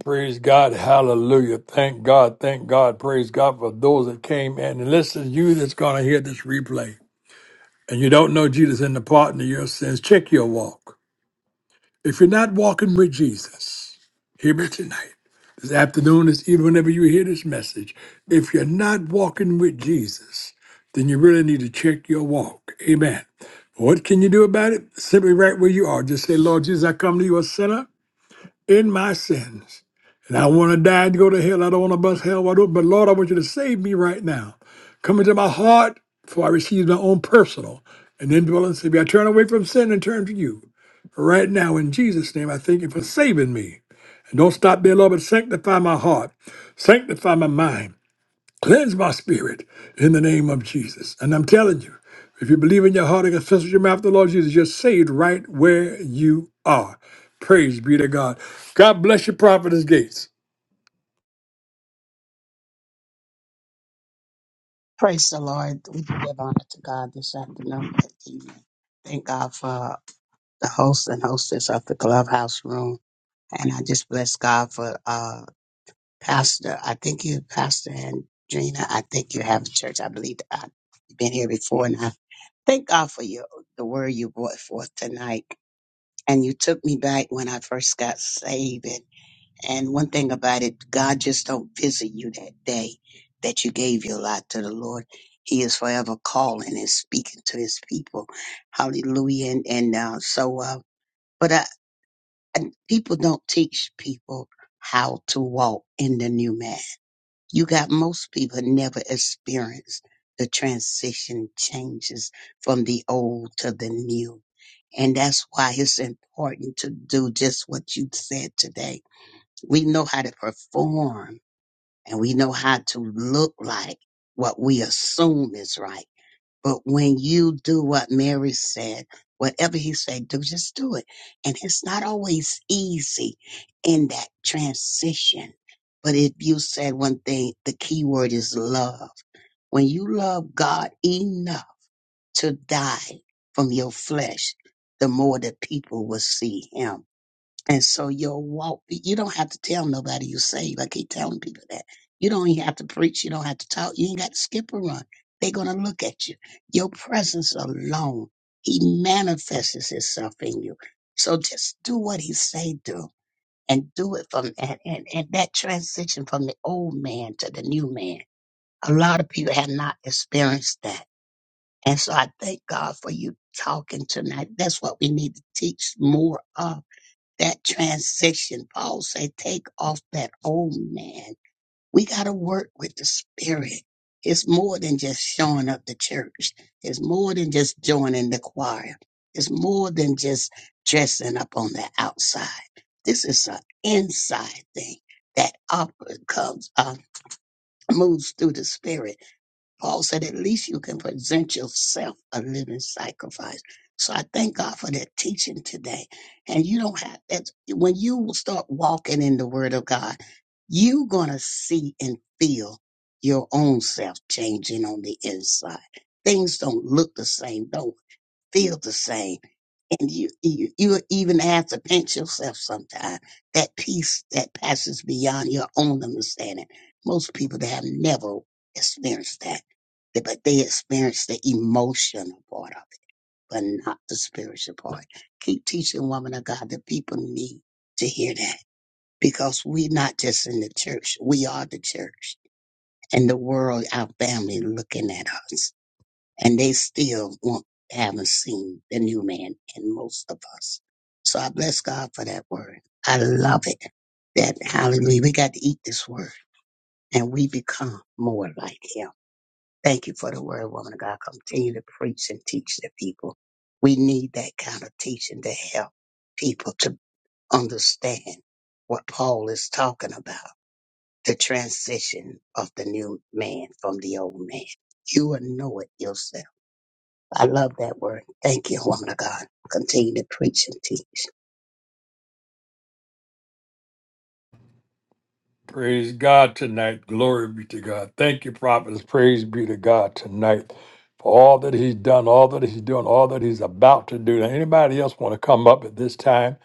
Praise God. Hallelujah. Thank God. Thank God. Praise God for those that came in. And listen, you that's going to hear this replay. and you don't know Jesus in the pardon of your sins, check your walk. If you're not walking with Jesus, hear me tonight, this afternoon, this evening, whenever you hear this message, if you're not walking with Jesus, then you really need to check your walk. Amen. What can you do about it? Simply right where you are. Just say, Lord Jesus, I come to you a sinner in my sins. And I want to die and go to hell. I don't want to bust hell wide open. But Lord, I want you to save me right now. Come into my heart, for I receive my own personal and indwelling Savior. I turn away from sin and turn to you. Right now, in Jesus' name, I thank you for saving me. And don't stop there, Lord, but sanctify my heart, sanctify my mind. Cleanse my spirit in the name of Jesus. And I'm telling you, if you believe in your heart and confess with your mouth the Lord Jesus, you're saved right where you are. Praise be to God. God bless you, Prophetess Gates.
Praise the Lord. We do give honor to God this afternoon. Thank God for the host and hostess of the clubhouse room. And I just bless God for uh Pastor. I think you Pastor Andrina, I think you have a church. I believe I've been here before and I thank God for you the word you brought forth tonight. And you took me back when I first got saved and one thing about it, God just don't visit you that day that you gave your life to the Lord. He is forever calling and speaking to his people. Hallelujah. And, and uh, so, uh, but uh, and people don't teach people how to walk in the new man. You got most people never experience the transition changes from the old to the new. And that's why it's important to do just what you said today we know how to perform and we know how to look like what we assume is right. But when you do what Mary said, whatever he said, do just do it. And it's not always easy in that transition. But if you said one thing, the key word is love. When you love God enough to die from your flesh, the more the people will see him and so your walk, you don't have to tell nobody you are saved. I keep telling people that. You don't even have to preach. You don't have to talk. You ain't got to skip or run. They're going to look at you. Your presence alone, he manifests himself in you. So just do what he say do and do it from, and, and, and that transition from the old man to the new man. A lot of people have not experienced that. And so I thank God for you talking tonight. That's what we need to teach more of that transition. Paul say, take off that old man. We got to work with the spirit. It's more than just showing up to church. It's more than just joining the choir. It's more than just dressing up on the outside. This is an inside thing that opera comes, uh, moves through the spirit. Paul said, at least you can present yourself a living sacrifice. So I thank God for that teaching today. And you don't have that when you will start walking in the word of God, you're gonna see and feel your own self changing on the inside. Things don't look the same, don't feel the same and you, you you even have to pinch yourself sometimes. That peace that passes beyond your own understanding. Most people they have never experienced that, They- but they experience the emotional part of it, but not the spiritual part. Keep teaching, woman of God, that people need to hear that because we're not just in the church; we are the church, and the world, our family, looking at us and they still won't, haven't seen the new man in most of us. So I bless God for that word. I love it. That hallelujah, we got to eat this word and we become more like him. Thank you for the word, woman of God. Continue to preach and teach the people. We need that kind of teaching to help people to understand what Paul is talking about. The transition of the new man from the old man. You will know it yourself I love that word. Thank you, woman of God. Continue to preach and teach.
Praise God tonight. Glory be to God. Thank you, Prophetess. Praise be to God tonight for all that He's done, all that He's doing, all that He's about to do. Now, anybody else want to come up at this time?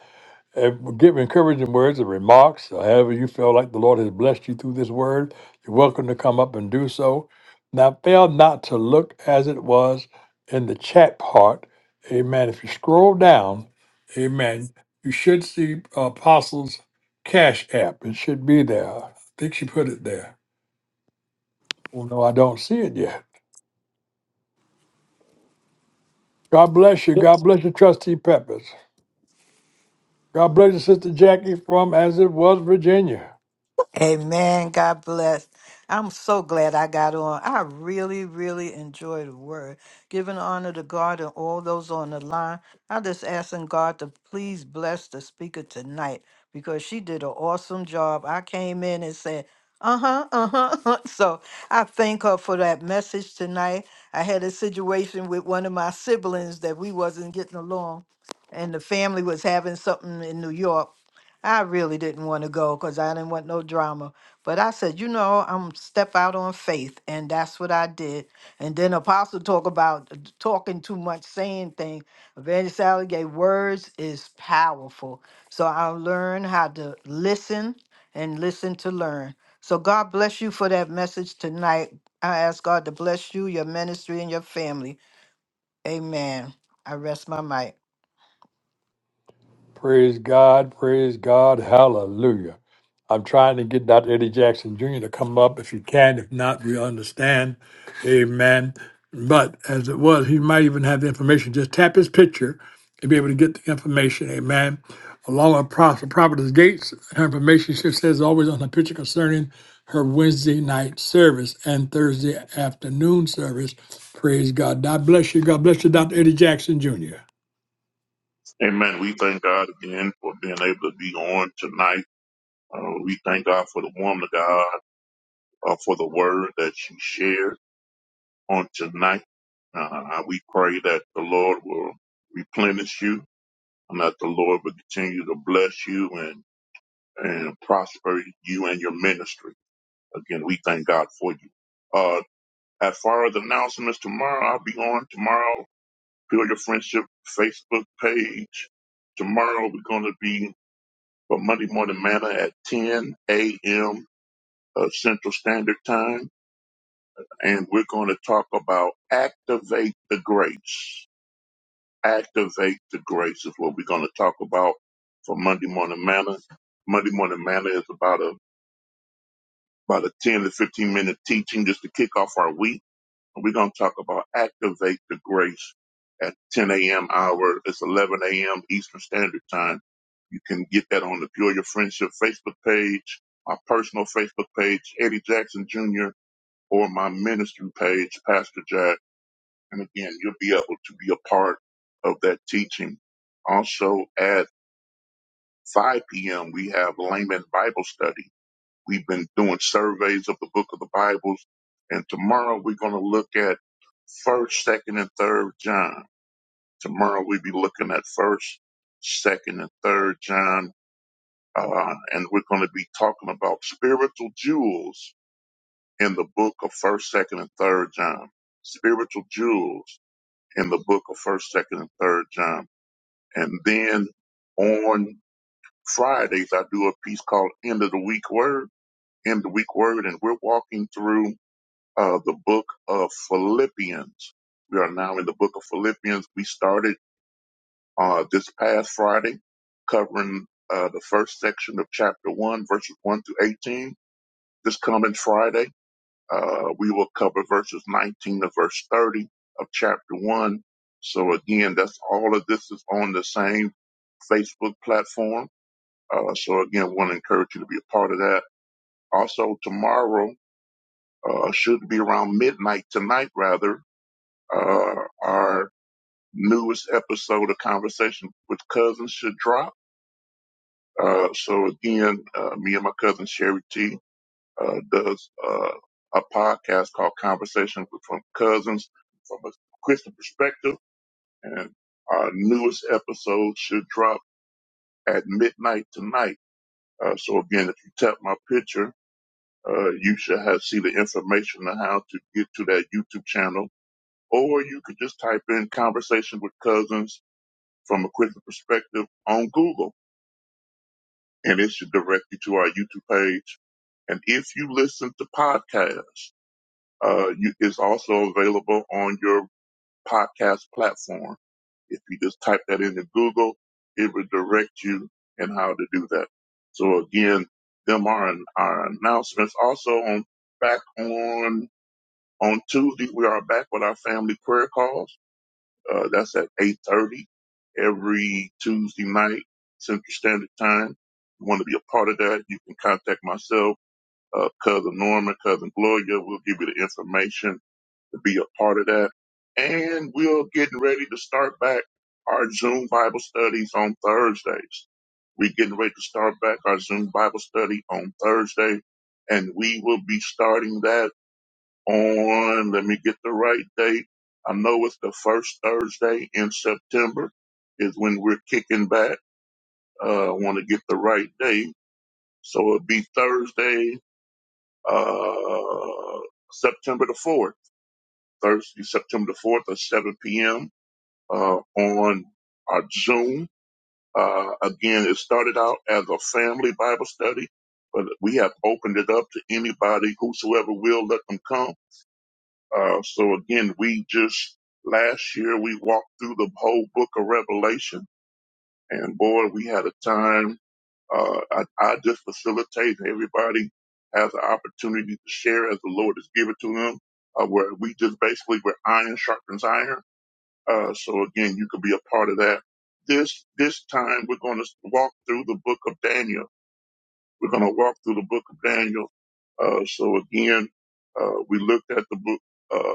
Uh, Give encouraging words and remarks, or however you feel like the Lord has blessed you through this word. You're welcome to come up and do so. Now, fail not to look as it was in the chat part. Amen. If you scroll down, amen, you should see Apostles Cash App. It should be there. I think she put it there. Oh, no, I don't see it yet. God bless you. God bless you, Trustee Peppers. God bless you, Sister Jackie from As It Was, Virginia.
Amen. God bless. I'm so glad I got on. I really, really enjoy the word. Giving honor to God and all those on the line. I just asking God to please bless the speaker tonight because she did an awesome job. I came in and said, uh-huh, uh-huh. [LAUGHS] So I thank her for that message tonight. I had a situation with one of my siblings that we wasn't getting along and the family was having something in New York I really didn't want to go because I didn't want no drama. But I said, you know, I'm step out on faith, and that's what I did. And then Apostle talk about d- talking too much, saying things. Evangelist Sally gave words is powerful. So I learned how to listen and listen to learn. So God bless you for that message tonight. I ask God to bless you, your ministry, and your family. Amen. I rest my mic.
Praise God, praise God, hallelujah. I'm trying to get Dr. Eddie Jackson Jr. to come up if you can. If not, we understand. Amen. But as it was, he might even have the information. Just tap his picture and be able to get the information. Amen. Along with Prophet Prophetess Gates, her information she says always on the picture concerning her Wednesday night service and Thursday afternoon service. Praise God. God bless you. God bless you, Dr. Eddie Jackson Jr.
Amen. We thank God again for being able to be on tonight. Uh, we thank God for the woman of God, uh, for the word that she shared on tonight. Uh, we pray that the Lord will replenish you and that the Lord will continue to bless you and, and prosper you and your ministry. Again, we thank God for you. Uh, as far as announcements tomorrow, I'll be on tomorrow. Build Your Friendship Facebook page. Tomorrow we're going to be for Monday Morning Manna at 10 a.m. Uh, Central Standard Time. And we're going to talk about activate the grace. Activate the grace is what we're going to talk about for Monday Morning Manna. Monday Morning Manna is about a about a 10 to 15 minute teaching just to kick off our week And We're going to talk about activate the grace at 10 a.m. hour. It's 11 a.m. Eastern Standard Time. You can get that on the Pure Your Friendship Facebook page, my personal Facebook page, Eddie Jackson Jr., or my ministry page, Pastor Jack. And again, you'll be able to be a part of that teaching. Also at 5 p.m., we have Layman Bible Study. We've been doing surveys of the book of the Bibles. And tomorrow we're going to look at first, second, and third John. Tomorrow we'll be looking at first, second, and third John. Uh, and we're going to be talking about spiritual jewels in the book of first, second, and third John. Spiritual jewels in the book of first, second, and third John. And then on Fridays, I do a piece called End of the Week Word, End of the Week Word, and we're walking through uh, the book of Philippians. We are now in the book of Philippians. We started uh, this past Friday covering uh, the first section of chapter 1, verses 1 through 18. This coming Friday, uh, we will cover verses 19 to verse 30 of chapter 1. So, again, that's all of this is on the same Facebook platform. Uh, so, again, want to encourage you to be a part of that. Also, tomorrow, uh, should be around midnight tonight, rather uh, our newest episode of Conversation with Cousins should drop. Uh, so again, uh, me and my cousin Sherry T uh, does uh, a podcast called Conversation with Cousins from a Christian perspective, and our newest episode should drop at midnight tonight. Uh, so again, if you tap my picture, uh, you should have see the information on how to get to that YouTube channel, or you could just type in "Conversation with Cousins" from a critical perspective on Google, and it should direct you to our YouTube page. And if you listen to podcasts, uh, you, it's also available on your podcast platform. If you just type that into Google, it will direct you and how to do that. So again, them are our announcements. Also on back on on Tuesday, we are back with our family prayer calls. Uh, that's at 8.30 every Tuesday night, Central Standard Time. you want to be a part of that, you can contact myself, uh, Cousin Norman, Cousin Gloria. We'll give you the information to be a part of that. And we're getting ready to start back our Zoom Bible studies on Thursdays. We're getting ready to start back our Zoom Bible study on Thursday, and we will be starting that on, let me get the right date. I know it's the first Thursday in September is when we're kicking back. Uh, I want to get the right date. So it'll be Thursday, uh, September the 4th, Thursday, September the 4th at 7 p.m. Uh, on our Zoom. Uh, again, it started out as a family Bible study, but we have opened it up to anybody, whosoever will let them come Uh, so again, we just last year we walked through the whole book of Revelation, and boy, we had a time. Uh, I, I just facilitate everybody has an opportunity to share as the Lord has given to them. Uh, where we just basically where iron sharpens iron. Uh, so again, you could be a part of that. This this time we're going to walk through the book of Daniel. We're going to walk through the book of Daniel. Uh, so again, uh, we looked at the book. uh,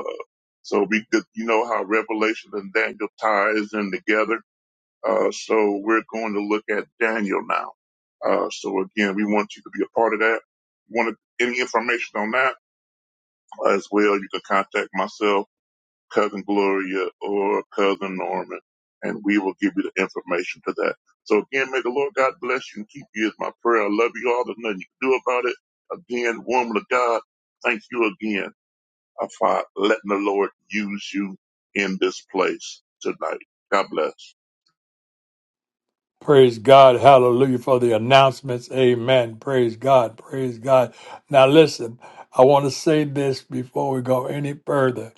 so we could, you know, how Revelation and Daniel ties in together. Uh, so we're going to look at Daniel now. Uh, so again, we want you to be a part of that. Want any information on that as well? You can contact myself, cousin Gloria, or cousin Norman, and we will give you the information to that. So again, may the Lord God bless you and keep you is my prayer. I love you all. There's nothing you can do about it. Again, woman of God, thank you again I find letting the Lord use you in this place tonight. God bless.
Praise God. Hallelujah for the announcements. Amen. Praise God. Praise God. Now, listen, I want to say this before we go any further,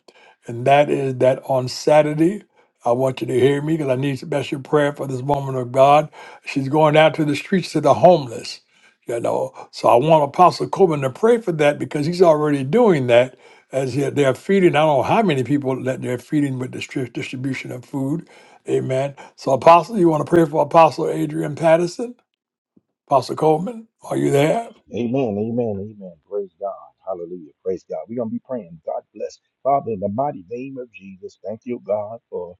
and that is that on Saturday, I want you to hear me because I need special prayer for this woman of God. She's going out to the streets to the homeless, you know. So I want Apostle Coleman to pray for that because he's already doing that as they're they're feeding. I don't know how many people that they're feeding with the strip distribution of food Amen. So, Apostle, you want to pray for Apostle Adrian Patterson? Apostle Coleman, are you there?
Amen, amen, amen. Praise God. Hallelujah. Praise God. We're going to be praying. God bless. Father, in the mighty name of Jesus, thank you, God, for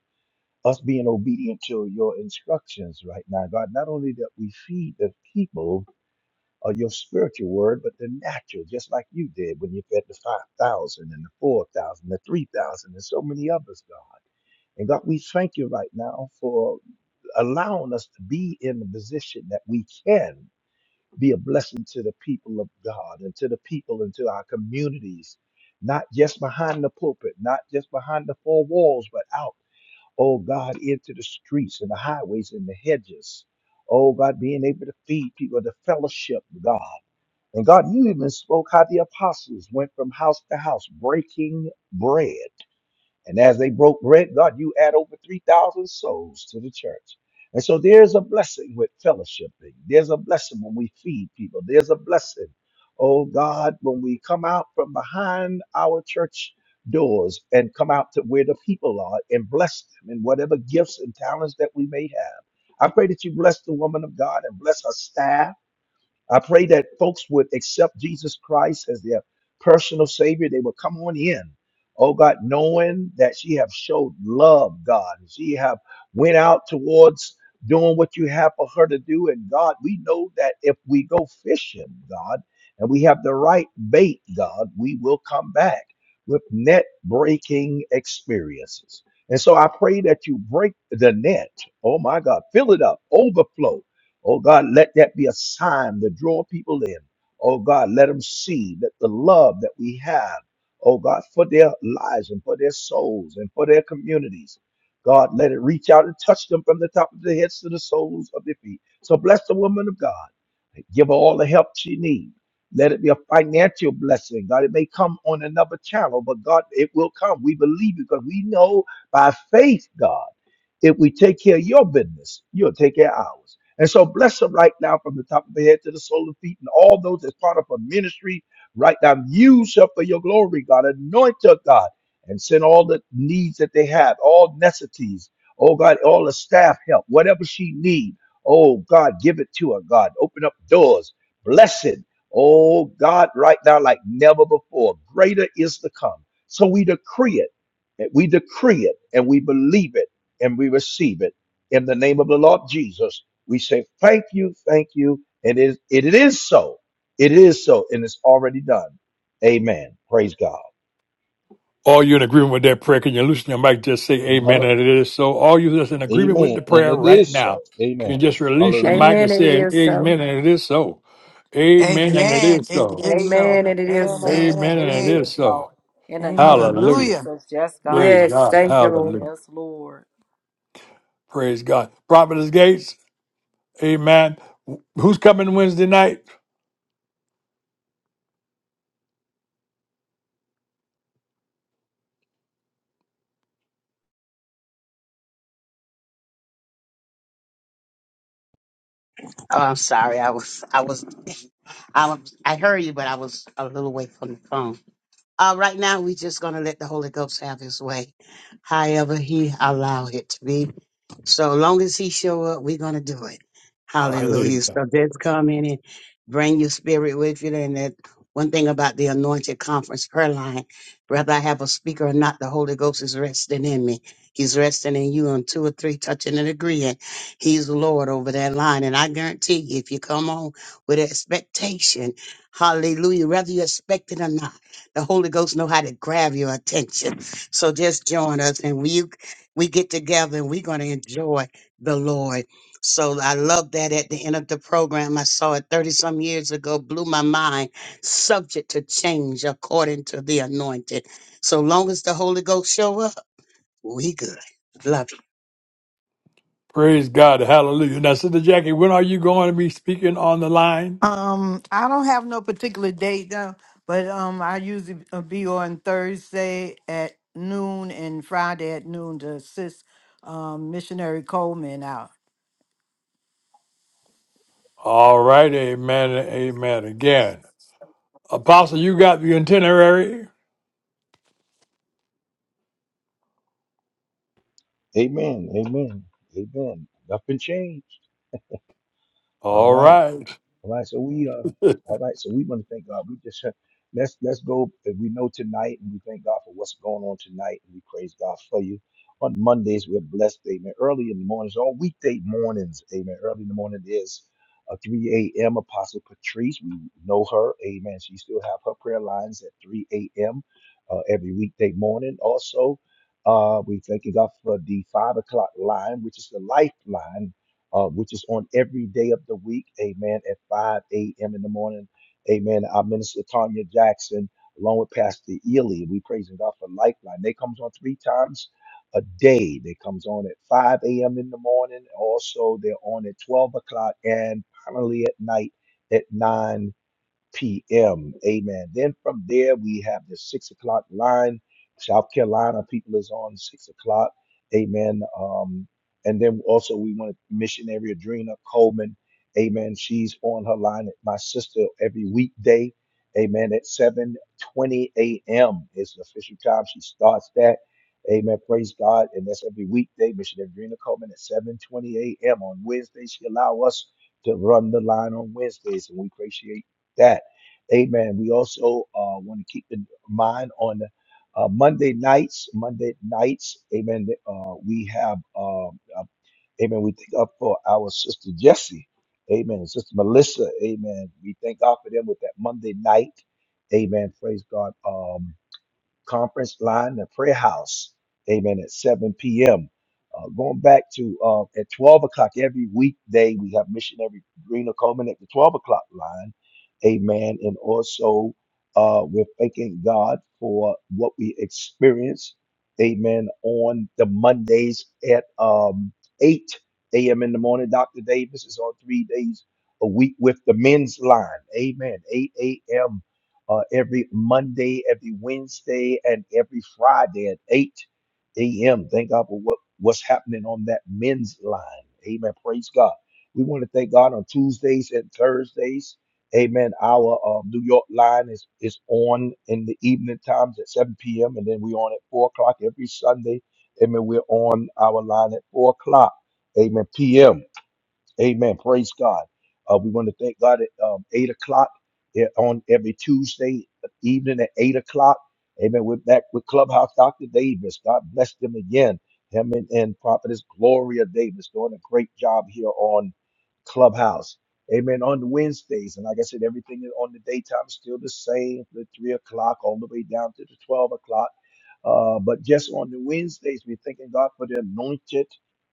us being obedient to your instructions right now. God, not only that we feed the people of your spiritual word, but the natural, just like you did when you fed the 5,000 and the 4,000, the 3,000, and so many others, God. And God, we thank you right now for allowing us to be in the position that we can be a blessing to the people of God and to the people and to our communities, not just behind the pulpit, not just behind the four walls, but out, oh God, into the streets and the highways and the hedges. Oh God, being able to feed people, to fellowship, God. And God, you even spoke how the apostles went from house to house breaking bread. And as they broke bread, God, you add over 3,000 souls to the church. And so there's a blessing with fellowshipping. There's a blessing when we feed people. There's a blessing, oh God, when we come out from behind our church doors and come out to where the people are and bless them in whatever gifts and talents that we may have. I pray that you bless the woman of God and bless her staff I pray that folks would accept Jesus Christ as their personal Savior. They would come on in. Oh God, knowing that she have showed love, God, she have went out towards doing what you have for her to do. And God, we know that if we go fishing, God, and we have the right bait, God, we will come back with net breaking experiences. And so I pray that you break the net. Oh my God, fill it up, overflow Oh God, let that be a sign to draw people in. Oh God, let them see that the love that we have, oh God, for their lives and for their souls and for their communities. God, let it reach out and touch them from the top of their heads to the soles of their feet. So bless the woman of God. Give her all the help she needs. Let it be a financial blessing. God, it may come on another channel, but God, it will come. We believe you because we know by faith, God, if we take care of your business, you'll take care of ours. And so bless them right now from the top of the head to the sole of the feet and all those that's part of her ministry right now. Use her for your glory, God. Anoint her, God, and send all the needs that they have, all necessities. Oh, God, all the staff help, whatever she needs. Oh God, give it to her, God. Open up doors. Blessed. Oh God, right now, like never before. Greater is to come. So we decree it. and We decree it and we believe it and we receive it. In the name of the Lord Jesus, we say thank you, thank you. And it, it is so. It is so. And it's already done. Amen. Praise God.
All you in agreement with that prayer? Can you loosen your mic? Just say amen,
Hallelujah.
and it is so. All you that's in agreement with
Amen.
the
And
prayer
it
right
is so.
now, can you
Amen.
just release your
Hallelujah.
mic and
Amen. And it
say
is so.
amen, and it is so. Amen, and it
Amen.
is
It
so.
is
Amen.
so.
Amen. And it is
Amen.
so.
Amen.
Amen.
Amen,
It
and it
is
Amen.
is
so.
so.
In the name
Amen.
of
Hallelujah.
Hallelujah.
Jesus. Yes, God.
Praise
Yes.
God.
Thank you,
Hallelujah.
Lord.
Yes, Lord.
Praise God. Prophetess Gates. Amen. Who's coming Wednesday night?
Oh, I'm sorry. I was, I was, I was, I heard you, but I was a little away from the phone. Uh, right now, we're just going to let the Holy Ghost have his way, however he allow it to be. So long as he show up, we're going to do it.
Amen.
Hallelujah. So just come in and bring your spirit with you. And that one thing about the anointed conference prayer line, whether I have a speaker or not, the Holy Ghost is resting in me. He's resting in you on two or three touching and agreeing. He's Lord over that line. And I guarantee you, if you come on with expectation, hallelujah, whether you expect it or not, the Holy Ghost know how to grab your attention. [LAUGHS] So just join us and we you- we get together and we're gonna enjoy the Lord. So I love that at the end of the program. I saw it 30 some years ago, blew my mind, subject to change according to the anointed. So long as the Holy Ghost show up, we good. Love you.
Praise God. Hallelujah. Now, Sister Jackie, when are you going to be speaking on the line?
Um, I don't have no particular date now, but um, I usually uh, be on Thursday at noon and Friday at noon to assist um, missionary Coleman out.
All right. Amen. Amen. Again. Apostle, you got the itinerary?
Amen. Amen. Amen. Nothing changed. All
All
right.
right.
All right. So we uh all right, so we want to thank God. We just [LAUGHS] uh, let's let's go if we know tonight and we thank God for what's going on tonight and we praise God for you. On Mondays we're blessed, amen. Early in the mornings, all weekday mornings, amen. Early in the morning is uh, 3 a.m. Apostle Patrice. We know her, amen. She still have her prayer lines at 3 a.m. Uh, every weekday morning. Also, uh, we thank God for the five o'clock line, which is the lifeline uh, which is on every day of the week, amen, at 5 a.m. in the morning. Amen. Our minister Tanya Jackson, along with Pastor Ely, we praising God for Lifeline. They comes on three times a day. They comes on at 5 a.m. in the morning. Also, they're on at 12 o'clock and finally at night at 9 p.m. Amen. Then from there, we have the six o'clock line. South Carolina people is on six o'clock. Amen. Um, and then also we want to missionary Adrena Coleman. Amen. She's on her line. My sister every weekday. Amen. At 7:20 a.m. is the official time she starts that. Amen. Praise God. And that's every weekday. Missionary Adrena Coleman at 7:20 a.m. on Wednesdays. She allow us to run the line on Wednesdays, and we appreciate that. Amen. We also uh, want to keep in mind on uh, Monday nights, Monday nights, amen. Uh, we have, uh, uh, amen, we think up for our sister Jessie, amen, And sister Melissa, amen. We thank God for them with that Monday night, amen. Praise God. Um, conference line, the prayer house. Amen. At 7 p.m. Uh, going back to uh, at 12 o'clock every weekday, we have missionary Rena Coleman at the 12 o'clock line. Amen. And also, uh, we're thanking God for what we experience. Amen. On the Mondays at um, 8 a.m. in the morning, Dr. Davis is on three days a week with the men's line. Amen. 8 a.m uh, every Monday, every Wednesday, and every Friday at 8 a.m. Thank God for what, what's happening on that men's line. Amen. Praise God. We want to thank God on Tuesdays and Thursdays. Amen. Our uh, New York line is, is on in the evening times at 7 p.m. And then we're on at 4 o'clock every Sunday. Amen. We're on our line at 4 o'clock. Amen. P.m. Amen. Praise God. Uh, we want to thank God at um, 8 o'clock eh, on every Tuesday evening at 8 o'clock. Amen. We're back with Clubhouse Dr. Davis. God bless them again. Him and, and Prophetess Gloria Davis doing a great job here on Clubhouse. Amen. On the Wednesdays. And like I said, everything is on the daytime is still the same, the 3 o'clock all the way down to the 12 o'clock. Uh, but just on the Wednesdays, we're thanking God for the anointed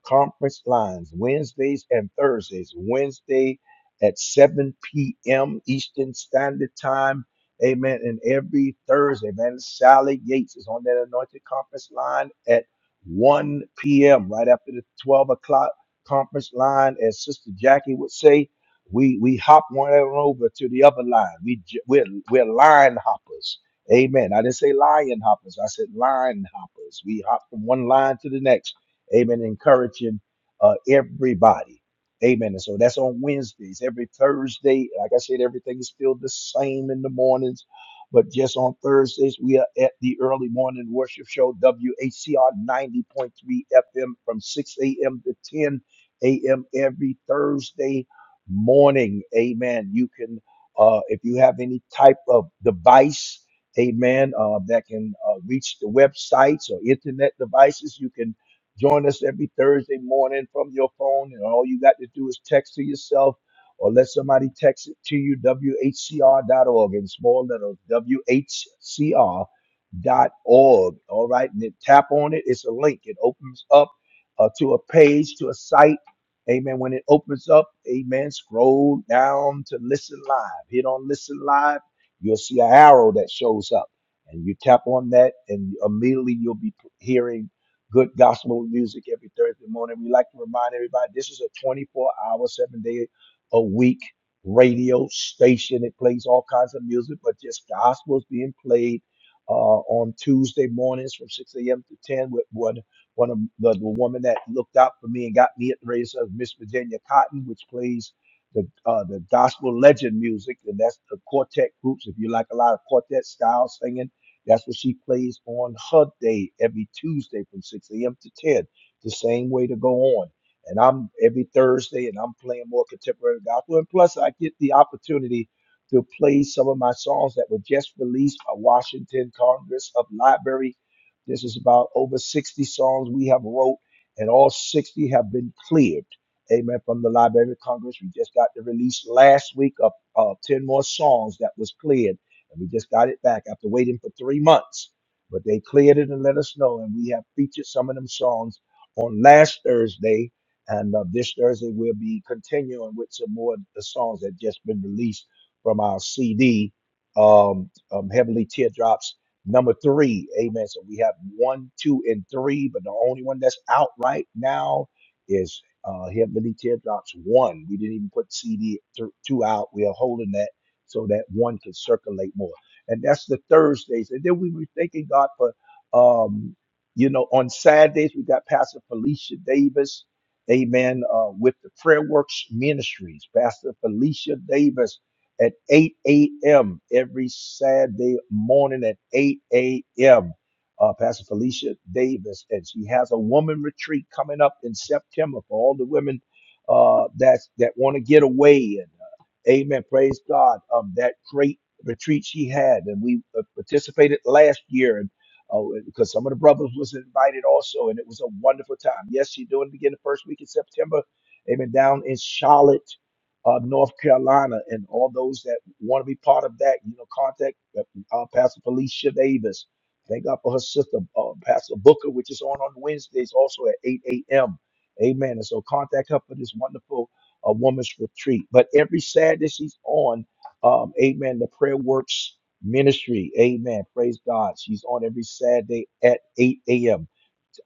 conference lines, Wednesdays and Thursdays. Wednesday at 7 p.m. Eastern Standard Time. Amen. And every Thursday, man, Sally Yates is on that anointed conference line at 1 p.m. right after the 12 o'clock conference line. As Sister Jackie would say, we we hop one over to the other line. We j- we're we're line hoppers Amen. I didn't say lion hoppers. I said line hoppers. We hop from one line to the next. Amen. Encouraging uh, everybody. Amen. And so that's on Wednesdays. Every Thursday, like I said, everything is still the same in the mornings. But just on Thursdays, we are at the early morning worship show, WHCR 90.3 FM from 6 a.m. to 10 a.m. every Thursday morning. Amen. You can, uh, if you have any type of device, amen, uh, that can uh, reach the websites or internet devices. You can join us every Thursday morning from your phone, and all you got to do is text to yourself or let somebody text it to you, whcr.org in small letters, whcr.org. All right, and then tap on it. It's a link. It opens up uh, to a page, to a site. Amen. When it opens up, amen, scroll down to listen live. Hit on listen live you'll see an arrow that shows up and you tap on that and immediately you'll be hearing good gospel music every thursday morning we like to remind everybody this is a 24 hour seven day a week radio station it plays all kinds of music but just gospel is being played uh, on tuesday mornings from 6 a.m to 10 with one one of the, the woman that looked out for me and got me at the radio Miss Virginia Cotton, which plays the uh, the gospel legend music, and that's the quartet groups. If you like a lot of quartet style singing, that's what she plays on her day every Tuesday from 6 a.m. to 10. The same way to go on. And I'm every Thursday, and I'm playing more contemporary gospel. And plus, I get the opportunity to play some of my songs that were just released by Washington Congress of Library. This is about over 60 songs we have wrote, and all 60 have been cleared. Amen. From the Library of Congress, we just got the release last week of uh, 10 more songs that was cleared. And we just got it back after waiting for three months. But they cleared it and let us know. And we have featured some of them songs on last Thursday. And uh, this Thursday, we'll be continuing with some more of the songs that just been released from our CD, um, um, Heavenly Teardrops number three. Amen. So we have one, two, and three. But the only one that's out right now is. Uh, Help Me Leak Teardrops one. We didn't even put CD th- two out. We are holding that so that one can circulate more. And that's the Thursdays. And then we were thanking God for, um, you know, on Saturdays we got Pastor Felicia Davis, Amen, uh, with the Prayer Works Ministries. Pastor Felicia Davis at 8 a.m. every Saturday morning at 8 a.m uh, Pastor Felicia Davis, and she has a woman retreat coming up in September for all the women uh, that that want to get away. And uh, Amen, praise God. Um, that great retreat she had, and we uh, participated last year, and uh, because some of the brothers was invited also, and it was a wonderful time. Yes, she's doing it again the first week in September. Amen. Down in Charlotte. Uh, North Carolina, and all those that want to be part of that, you know, contact uh, uh, Pastor Felicia Davis Thank God for her sister, uh, Pastor Booker, which is on on Wednesdays also at 8 a.m. Amen. And so contact her for this wonderful uh, woman's retreat. But every Saturday she's on, um, amen, the Prayer Works Ministry. Amen. Praise God. She's on every Saturday at 8 a.m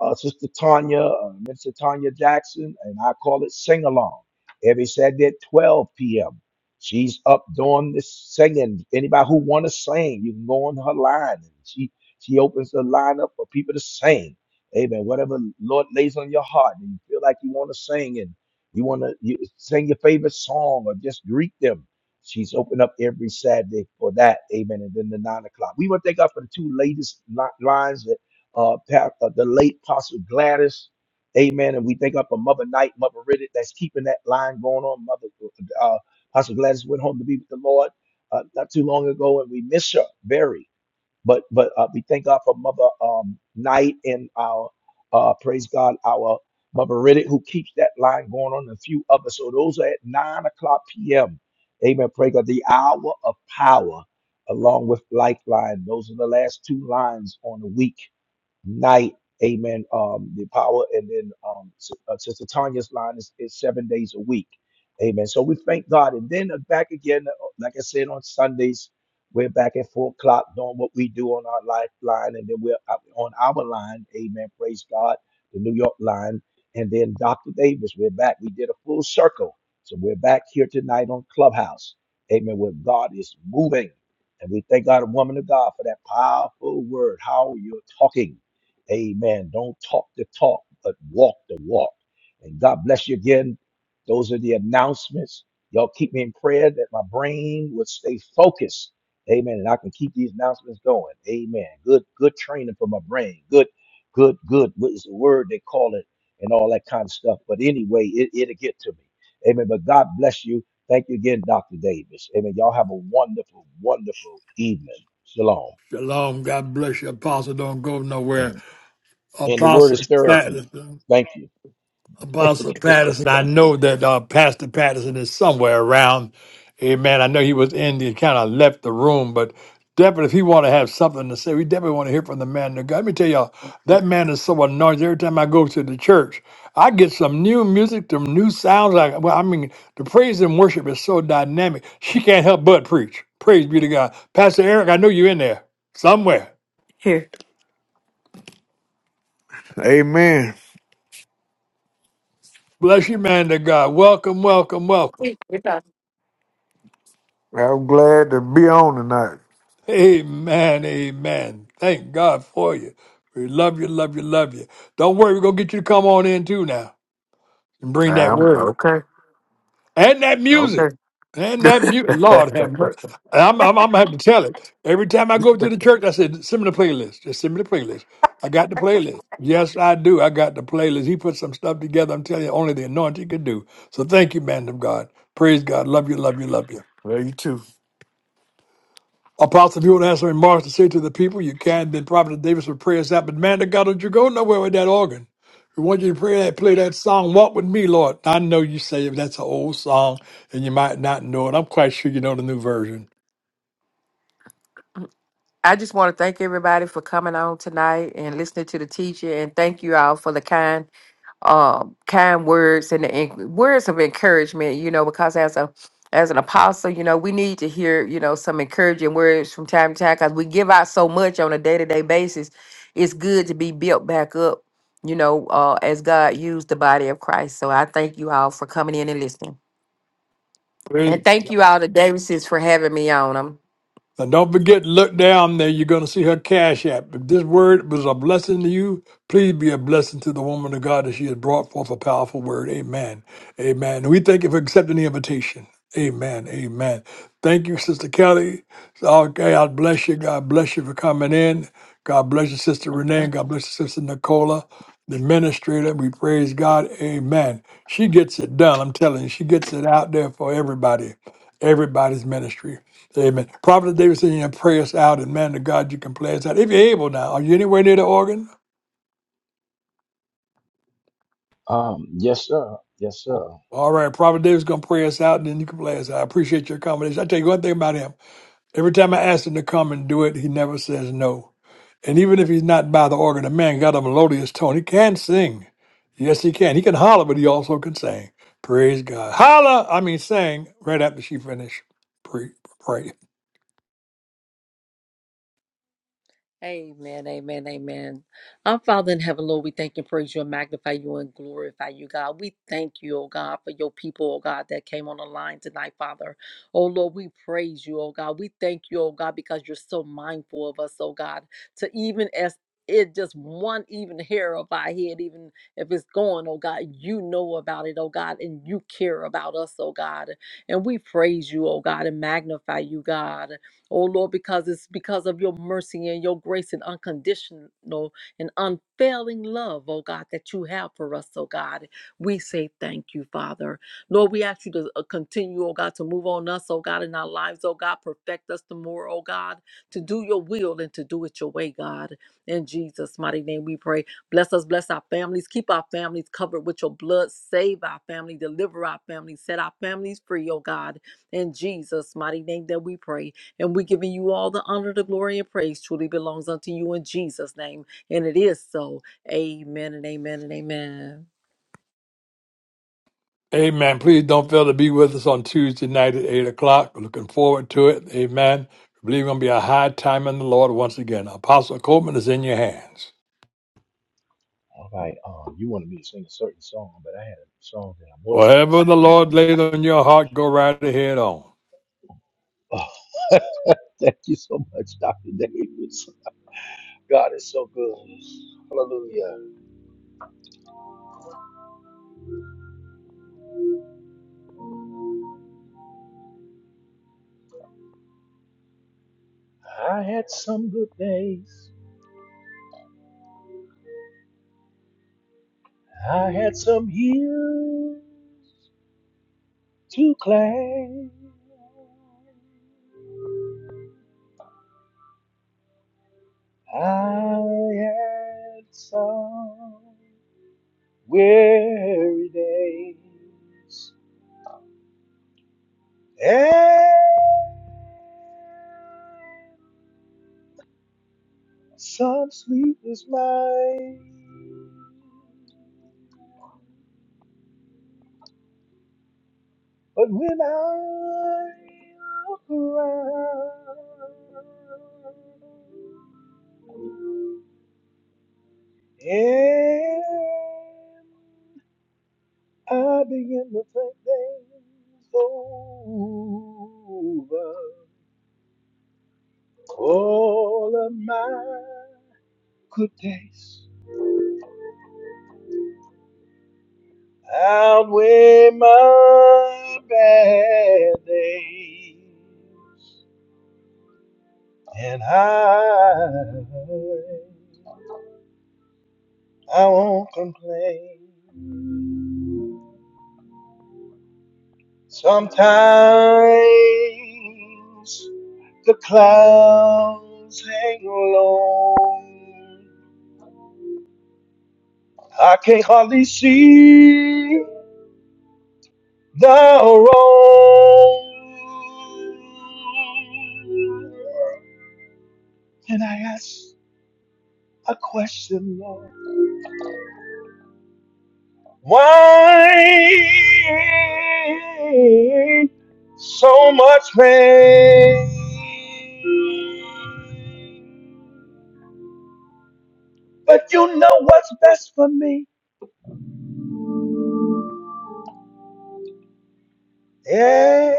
uh, Sister Tanya, uh, Minister Tanya Jackson, and I call it Sing Along every Saturday at 12 p.m. She's up doing this singing. Anybody who want to sing, you can go on her line, and she she opens the line up for people to sing. Amen. Whatever Lord lays on your heart, and you feel like you want to sing, and you want to you sing your favorite song, or just greet them. She's open up every Saturday for that. Amen. And then the nine o'clock. We want to thank God for the two latest li- lines that uh, pa- uh, the late Apostle Gladys. Amen. And we think up a Mother Knight, Mother Riddick, that's keeping that line going on. Mother uh, Apostle Gladys went home to be with the Lord uh, not too long ago, and we miss her very. But but uh, we thank God for Mother um, Knight and our uh, praise God, our Mother Riddick who keeps that line going on, and a few others. So those are at nine o'clock p.m. Amen. Praise God. The hour of power, along with Lifeline. Those are the last two lines on the week night. Amen. Um, the power, and then um, S- uh, Sister Tanya's line is, is seven days a week. Amen. So we thank God, and then uh, back again, uh, like I said on Sundays, we're back at four o'clock doing what we do on our lifeline, and then we're up on our line. Amen. Praise God, the New York line, and then Dr. Davis. We're back. We did a full circle, so we're back here tonight on Clubhouse. Amen. Where God is moving, and we thank God, a woman of God, for that powerful word. How you're talking. Amen. Don't talk the talk, but walk the walk. And God bless you again. Those are the announcements. Y'all keep me in prayer that my brain would stay focused. Amen. And I can keep these announcements going. Amen. Good, good training for my brain. Good, good, good. What is the word they call it and all that kind of stuff. But anyway, it, it'll get to me. Amen. But God bless you. Thank you again, Dr. Davis. Amen. Y'all have a wonderful, wonderful evening. Shalom.
Shalom. God bless you. Apostle, don't go nowhere.
Mhm. And the word
Apostle
is therapy.
Patterson.
Thank you.
Apostle Patterson. I know that uh, Pastor Patterson is somewhere around. Amen. I know he was in the kind of left the room, but definitely if he want to have something to say, we definitely want to hear from the man of God. Let me tell y'all, that man is so anointed. Every time I go to the church, I get some new music, some new sounds. Like, well, I mean, the praise and worship is so dynamic. She can't help but preach. Praise be to God. Pastor Eric, I know you're in there somewhere.
Here. Amen.
Bless you, man to God. Welcome, welcome, welcome.
It's us. I'm glad to be on tonight.
Amen, amen. Thank God for you. We love you, love you, love you. Don't worry, we're going to get you to come on in too now and bring that
I'm
word
okay.
and that music.
Okay.
And that beauty,
[LAUGHS]
Lord have mercy. I'm, I'm, I'm gonna have to tell it every time I go to the church. I said, "Send me the playlist. Just send me the playlist. I got the playlist. Yes, I do. I got the playlist. He put some stuff together. I'm telling you, only the anointing could do. So thank you, man of God. Praise God. Love you. Love you. Love you.
Well, you too.
Apostle, if you want to have some remarks to say to the people, you can. Then Prophet Davis would pray us out. But man, to God, don't you go nowhere with that organ. We want you to pray that, play that song, Walk With Me, Lord. I know you say that's an old song and you might not know it. I'm quite sure you know the new version.
I just want to thank everybody for coming on tonight and listening to the teacher, and thank you all for the kind, um, kind words and the en- words of encouragement. You know, because as a as an apostle, you know, we need to hear you know some encouraging words from time to time because we give out so much on a day to day basis. It's good to be built back up, you know, uh, as God used the body of Christ. So I thank you all for coming in and listening,
Praise,
and thank you all to Davises for having me on.
And don't forget, to look down there. You're going to see her cash app. If this word was a blessing to you, please be a blessing to the woman of God that she has brought forth a powerful word. Amen. Amen. We thank you for accepting the invitation. Amen. Amen. Thank you, Sister Kelly. Okay, God bless you. God bless you for coming in. God bless you, Sister
Thank you.
Renee. God bless you, Sister Nicola, the administrator. We praise God. Amen. She gets it done. I'm telling you, she gets it out there for everybody, everybody's ministry. Amen. Prophet David said, you know, pray us out, and man to God, you can play us out. If you're able now, are you anywhere near the organ?
Um, yes, sir. Yes, sir. All
All right, Prophet David's going to pray us out, and then you can play us out. I appreciate your accommodation. I tell you one thing about him. Every time I ask him to come and do it, he never says no. And even if he's not by the organ, the man got a melodious tone. He can sing. Yes, he can. He can holler, but he also can sing. Praise God. Holler, I mean sing, right after she finished. Pray. pray.
Amen, amen, amen. Our Father in heaven, Lord, we thank and praise you and magnify you and glorify you, God. We thank you, oh God, for your people, oh God, that came on the line tonight, Father. Oh Lord, we praise you, oh God. We thank you, oh God, because you're so mindful of us, oh God, to even as it just one even hair of our head, even if it's gone, oh God, you know about it, oh God, and you care about us, oh God. And we praise you, oh God, and magnify you, God. Oh Lord, because it's because of your mercy and your grace and unconditional and unfailing love, oh God, that you have for us, oh God. We say thank you, Father. Lord, we ask you to uh, continue, oh God, to move on us, oh God, in our lives, oh God. Perfect us the more, oh God, to do your will and to do it your way, God. In Jesus' mighty name we pray. Bless us, bless our families, keep our families covered with your blood, save our family, deliver our family, set our families free, oh God. In Jesus' mighty name that we pray. And we're giving you all the honor, the glory, and praise truly belongs unto you in Jesus' name. And it is so. Amen and amen and amen.
Amen. Please don't fail to be with us on Tuesday night at 8 o'clock. We're Looking forward to it. Amen. We believe it's going to be a high time in the Lord once again. Apostle Coleman is in your hands.
right. Um, you wanted me to sing a certain song, but I had a song that I was going to
Whatever the
sing, but
Lord laid on your
I'm just.
heart, go right ahead on.
Oh, [LAUGHS] thank you so much, Dr. Davis. God is so good. Hallelujah. I had some good days. I had some hills to climb. I had some weary days. And some sleep is mine, but when I look around, and I begin to think things over, all of my good days. outweigh my bad days, and I I won't complain. Sometimes the clouds hang low. I can hardly see the road. Can I ask a question, Lord? Why so much pain? But you know what's best for me. Yeah,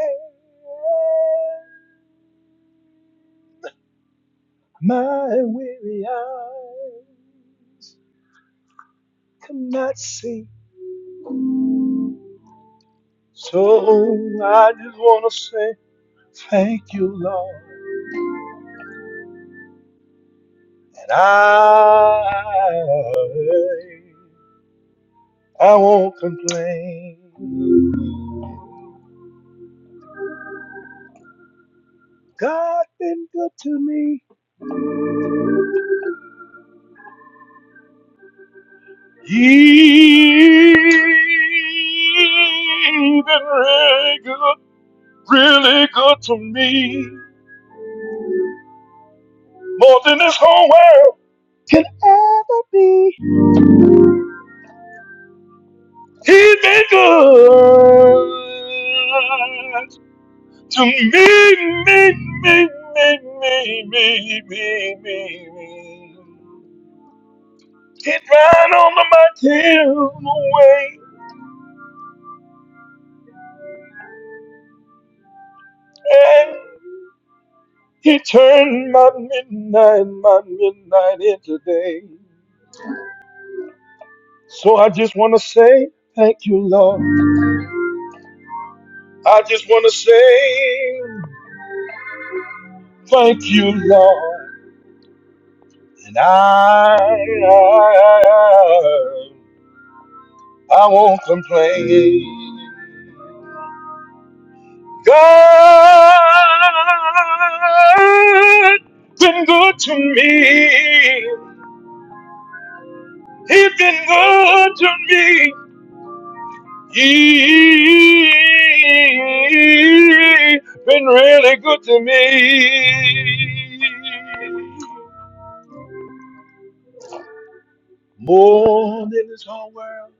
my weary eyes cannot see. So I just want to say thank you, Lord. I, I won't complain. God been good to me. He been really good, really good to me. More than this whole world can ever be. He been good to me, me, me, me, me, me, me, me, me. He ran on my tail away and he turned my midnight, my midnight into day. So I just want to say thank you, Lord. I just want to say thank you, Lord. And I, I, I, I won't complain. God been good to me. He's been good to me. He's been really good to me. More than this whole world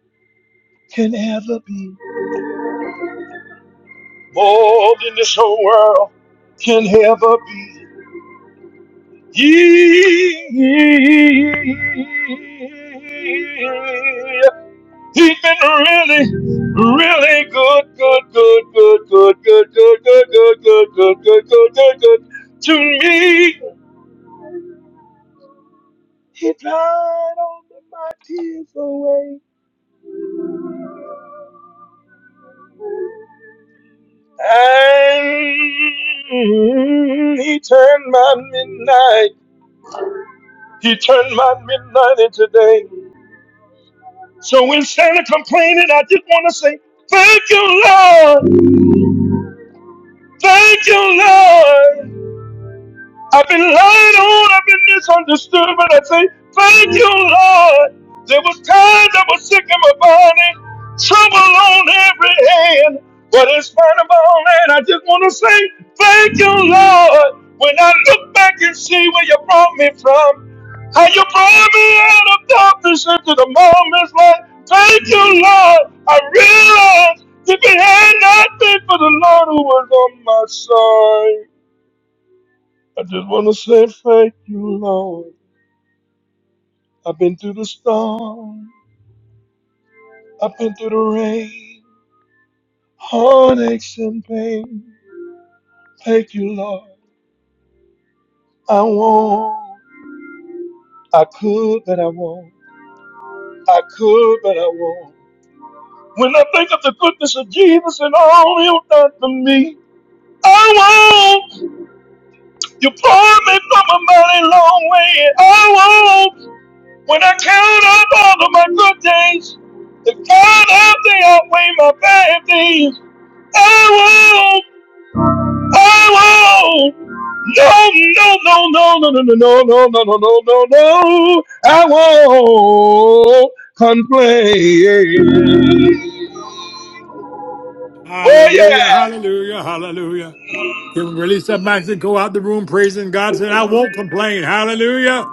can ever be. More than this whole world can ever be. He He's been really, really good, good, good, good, good, good, good, good, good, good, good, good, good, good, good to me. He dried all of my tears away. And he turned my midnight. He turned my midnight into day. So when Santa complaining, I just want to say, thank you, Lord. Thank you, Lord. I've been lied on, I've been misunderstood, but I say, thank you, Lord. There was times I was sick in my body, trouble on every hand, but in spite of all that, I just want to say, thank you, Lord. When I look back and see where you brought me from, how you brought me out of darkness into the moment's light, thank you, Lord. I realize if it had not been for the Lord who was on my side. I just wanna say thank you, Lord. I've been through the storm, I've been through the rain, heartaches and pain. Thank you, Lord. I won't. I could, but I won't. I could, but I won't. When I think of the goodness of Jesus and all He's done for me, I won't. You pulled me from a mighty long way. I won't. When I count up all of my good days, if God help me outweigh my bad days. I won't. I won't. No, no, no, no, no, no, no, no, no, no, no, no, no, no. I won't complain. Oh
Hallelujah,
yeah.
hallelujah, hallelujah. You can release that mic and go out the room praising God. Saying, I won't complain. Hallelujah,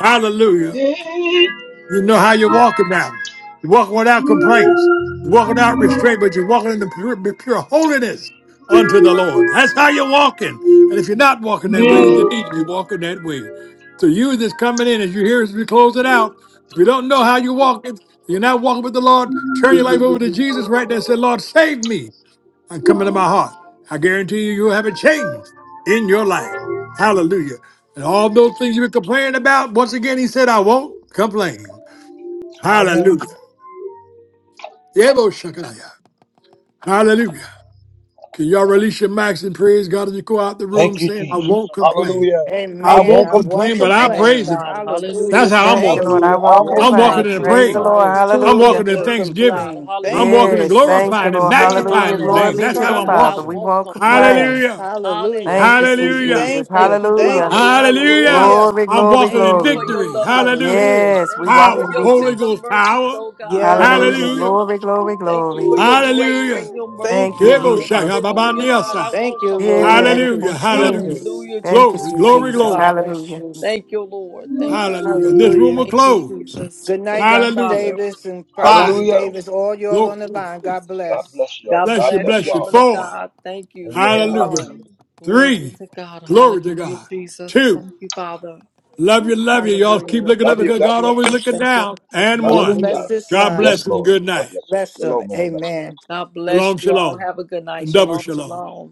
hallelujah.
Mm,
You know how you're walking now. You're walking without complaints. You're walking without restraint, but you're walking in the pure, pure holiness unto the Lord. That's how you're walking. And if you're not walking that way, then you need
mm.
to be walking that way. So you that's coming in, as you hear as we close it out, if you don't know how you're walking, you're not walking with the Lord, turn your life over to Jesus right there and say, Lord, save me and come into my heart. I guarantee you, you'll have a change in your life. Hallelujah. And all those things you've been complaining about, once again, he said, I won't complain.
I
Hallelujah.
won't.
Yebo Shakaya. Hallelujah. Can y'all release your max and praise God as you go out the room
Thank you,
saying, I
Jesus.
won't complain.
Hallelujah.
I
I
Amen.
won't
won't
I
complain.
won't
complain, but I praise
complain.
Him. That's
Hallelujah.
how I'm
Thank you,
Thank
walking.
Lord. I
Hallelujah.
you.
I
won't
I'm
Yes,
won't.
walking
God,
complain.
in
you're
Praise the
praise.
worthy,
Lord.
God is
you're
too
I'm
worthy, you're
Hallelujah.
walking
good
in
to
worthy,
thanksgiving.
God.
complain.
I'm
Thank
Hallelujah,
walking in
you.
Yes.
Jesus.
Thank you,
glorifying
I'm
and
Lord.
standing
magnifying
Hallelujah.
on
His
Glory
name.
God's
be
That's
to the
Hallelujah,
how I'm
God. I
Father.
promise.
We
walking.
won't
won't
complain.
complain.
Yes.
Hallelujah.
Hallelujah.
Thank you,
Hallelujah,
sweet
Hallelujah.
Jesus.
Jesus.
Thank
Thank
you.
you,
Thank
Hallelujah.
Father.
you.
Thank you,
Hallelujah.
Lord.
Hallelujah.
Glory,
I'm
glory,
walking
Thank
in
you
glory.
for your
victory.
Woo,
loving
Hallelujah.
kindness.
Hallelujah.
Yes. We
Thank you
walk
for
Power.
in
your
Holy
victory.
tender
Ghost
mercies,
power.
oh God.
Hallelujah.
Yes.
Hallelujah.
Hallelujah.
Glory, glory,
Thank you
glory.
for your grace
Hallelujah.
and your
Thank
Thank
mercy,
you,
you.
Ebo
God.
shaka
Jesus.
Baba
Hallelujah, God. I
Niasa.
Thank
won't
you, Lord.
Thank
complain.
Thank you,
Hallelujah. Hallelujah.
you,
Jesus.
Hallelujah, Jesus.
Glory,
sweet
Thank
glory,
you,
Jesus.
God
glory.
Father.
bless
Hallelujah.
you.
Thank you, Lord. Thank you,
Hallelujah. And
Lord.
this room
Hallelujah.
will
Thank you,
close.
Jesus.
Good night,
Thank you,
Dr.
Hallelujah.
Father.
Davis and
God,
Five.
Prophet
Hallelujah.
Davis. All y'all
Glory
on the
to God.
line. God
God
bless.
bless y'all.
God
Bless
God
you,
bless
bless
you,
bless you.
y'all.
woman of
Four.
God. Thank you.
Amen.
Hallelujah.
Shalom.
Hallelujah.
Glory
Three.
to God.
Glory to
Hallelujah,
God.
Jesus.
Two.
Thank you, Father.
Love you,
Ooh,
love you.
Thank
Y'all
Amen.
you,
keep
Hallelujah.
Lord.
looking up
Love
Thank
you.
because
you,
God
God
bless.
always
Jesus.
looking
Thank you,
down.
Lord.
And
Thank
Lord,
one.
you,
Hallelujah.
bless
Jesus.
this
God
line.
Yes,
bless and
Lord.
good
God
night.
bless you.
Bless them.
Shalom, everybody.
Amen.
God bless
Shalom,
you all.
shalom,
Have a good night.
and double
Shalom,
shalom.
shalom.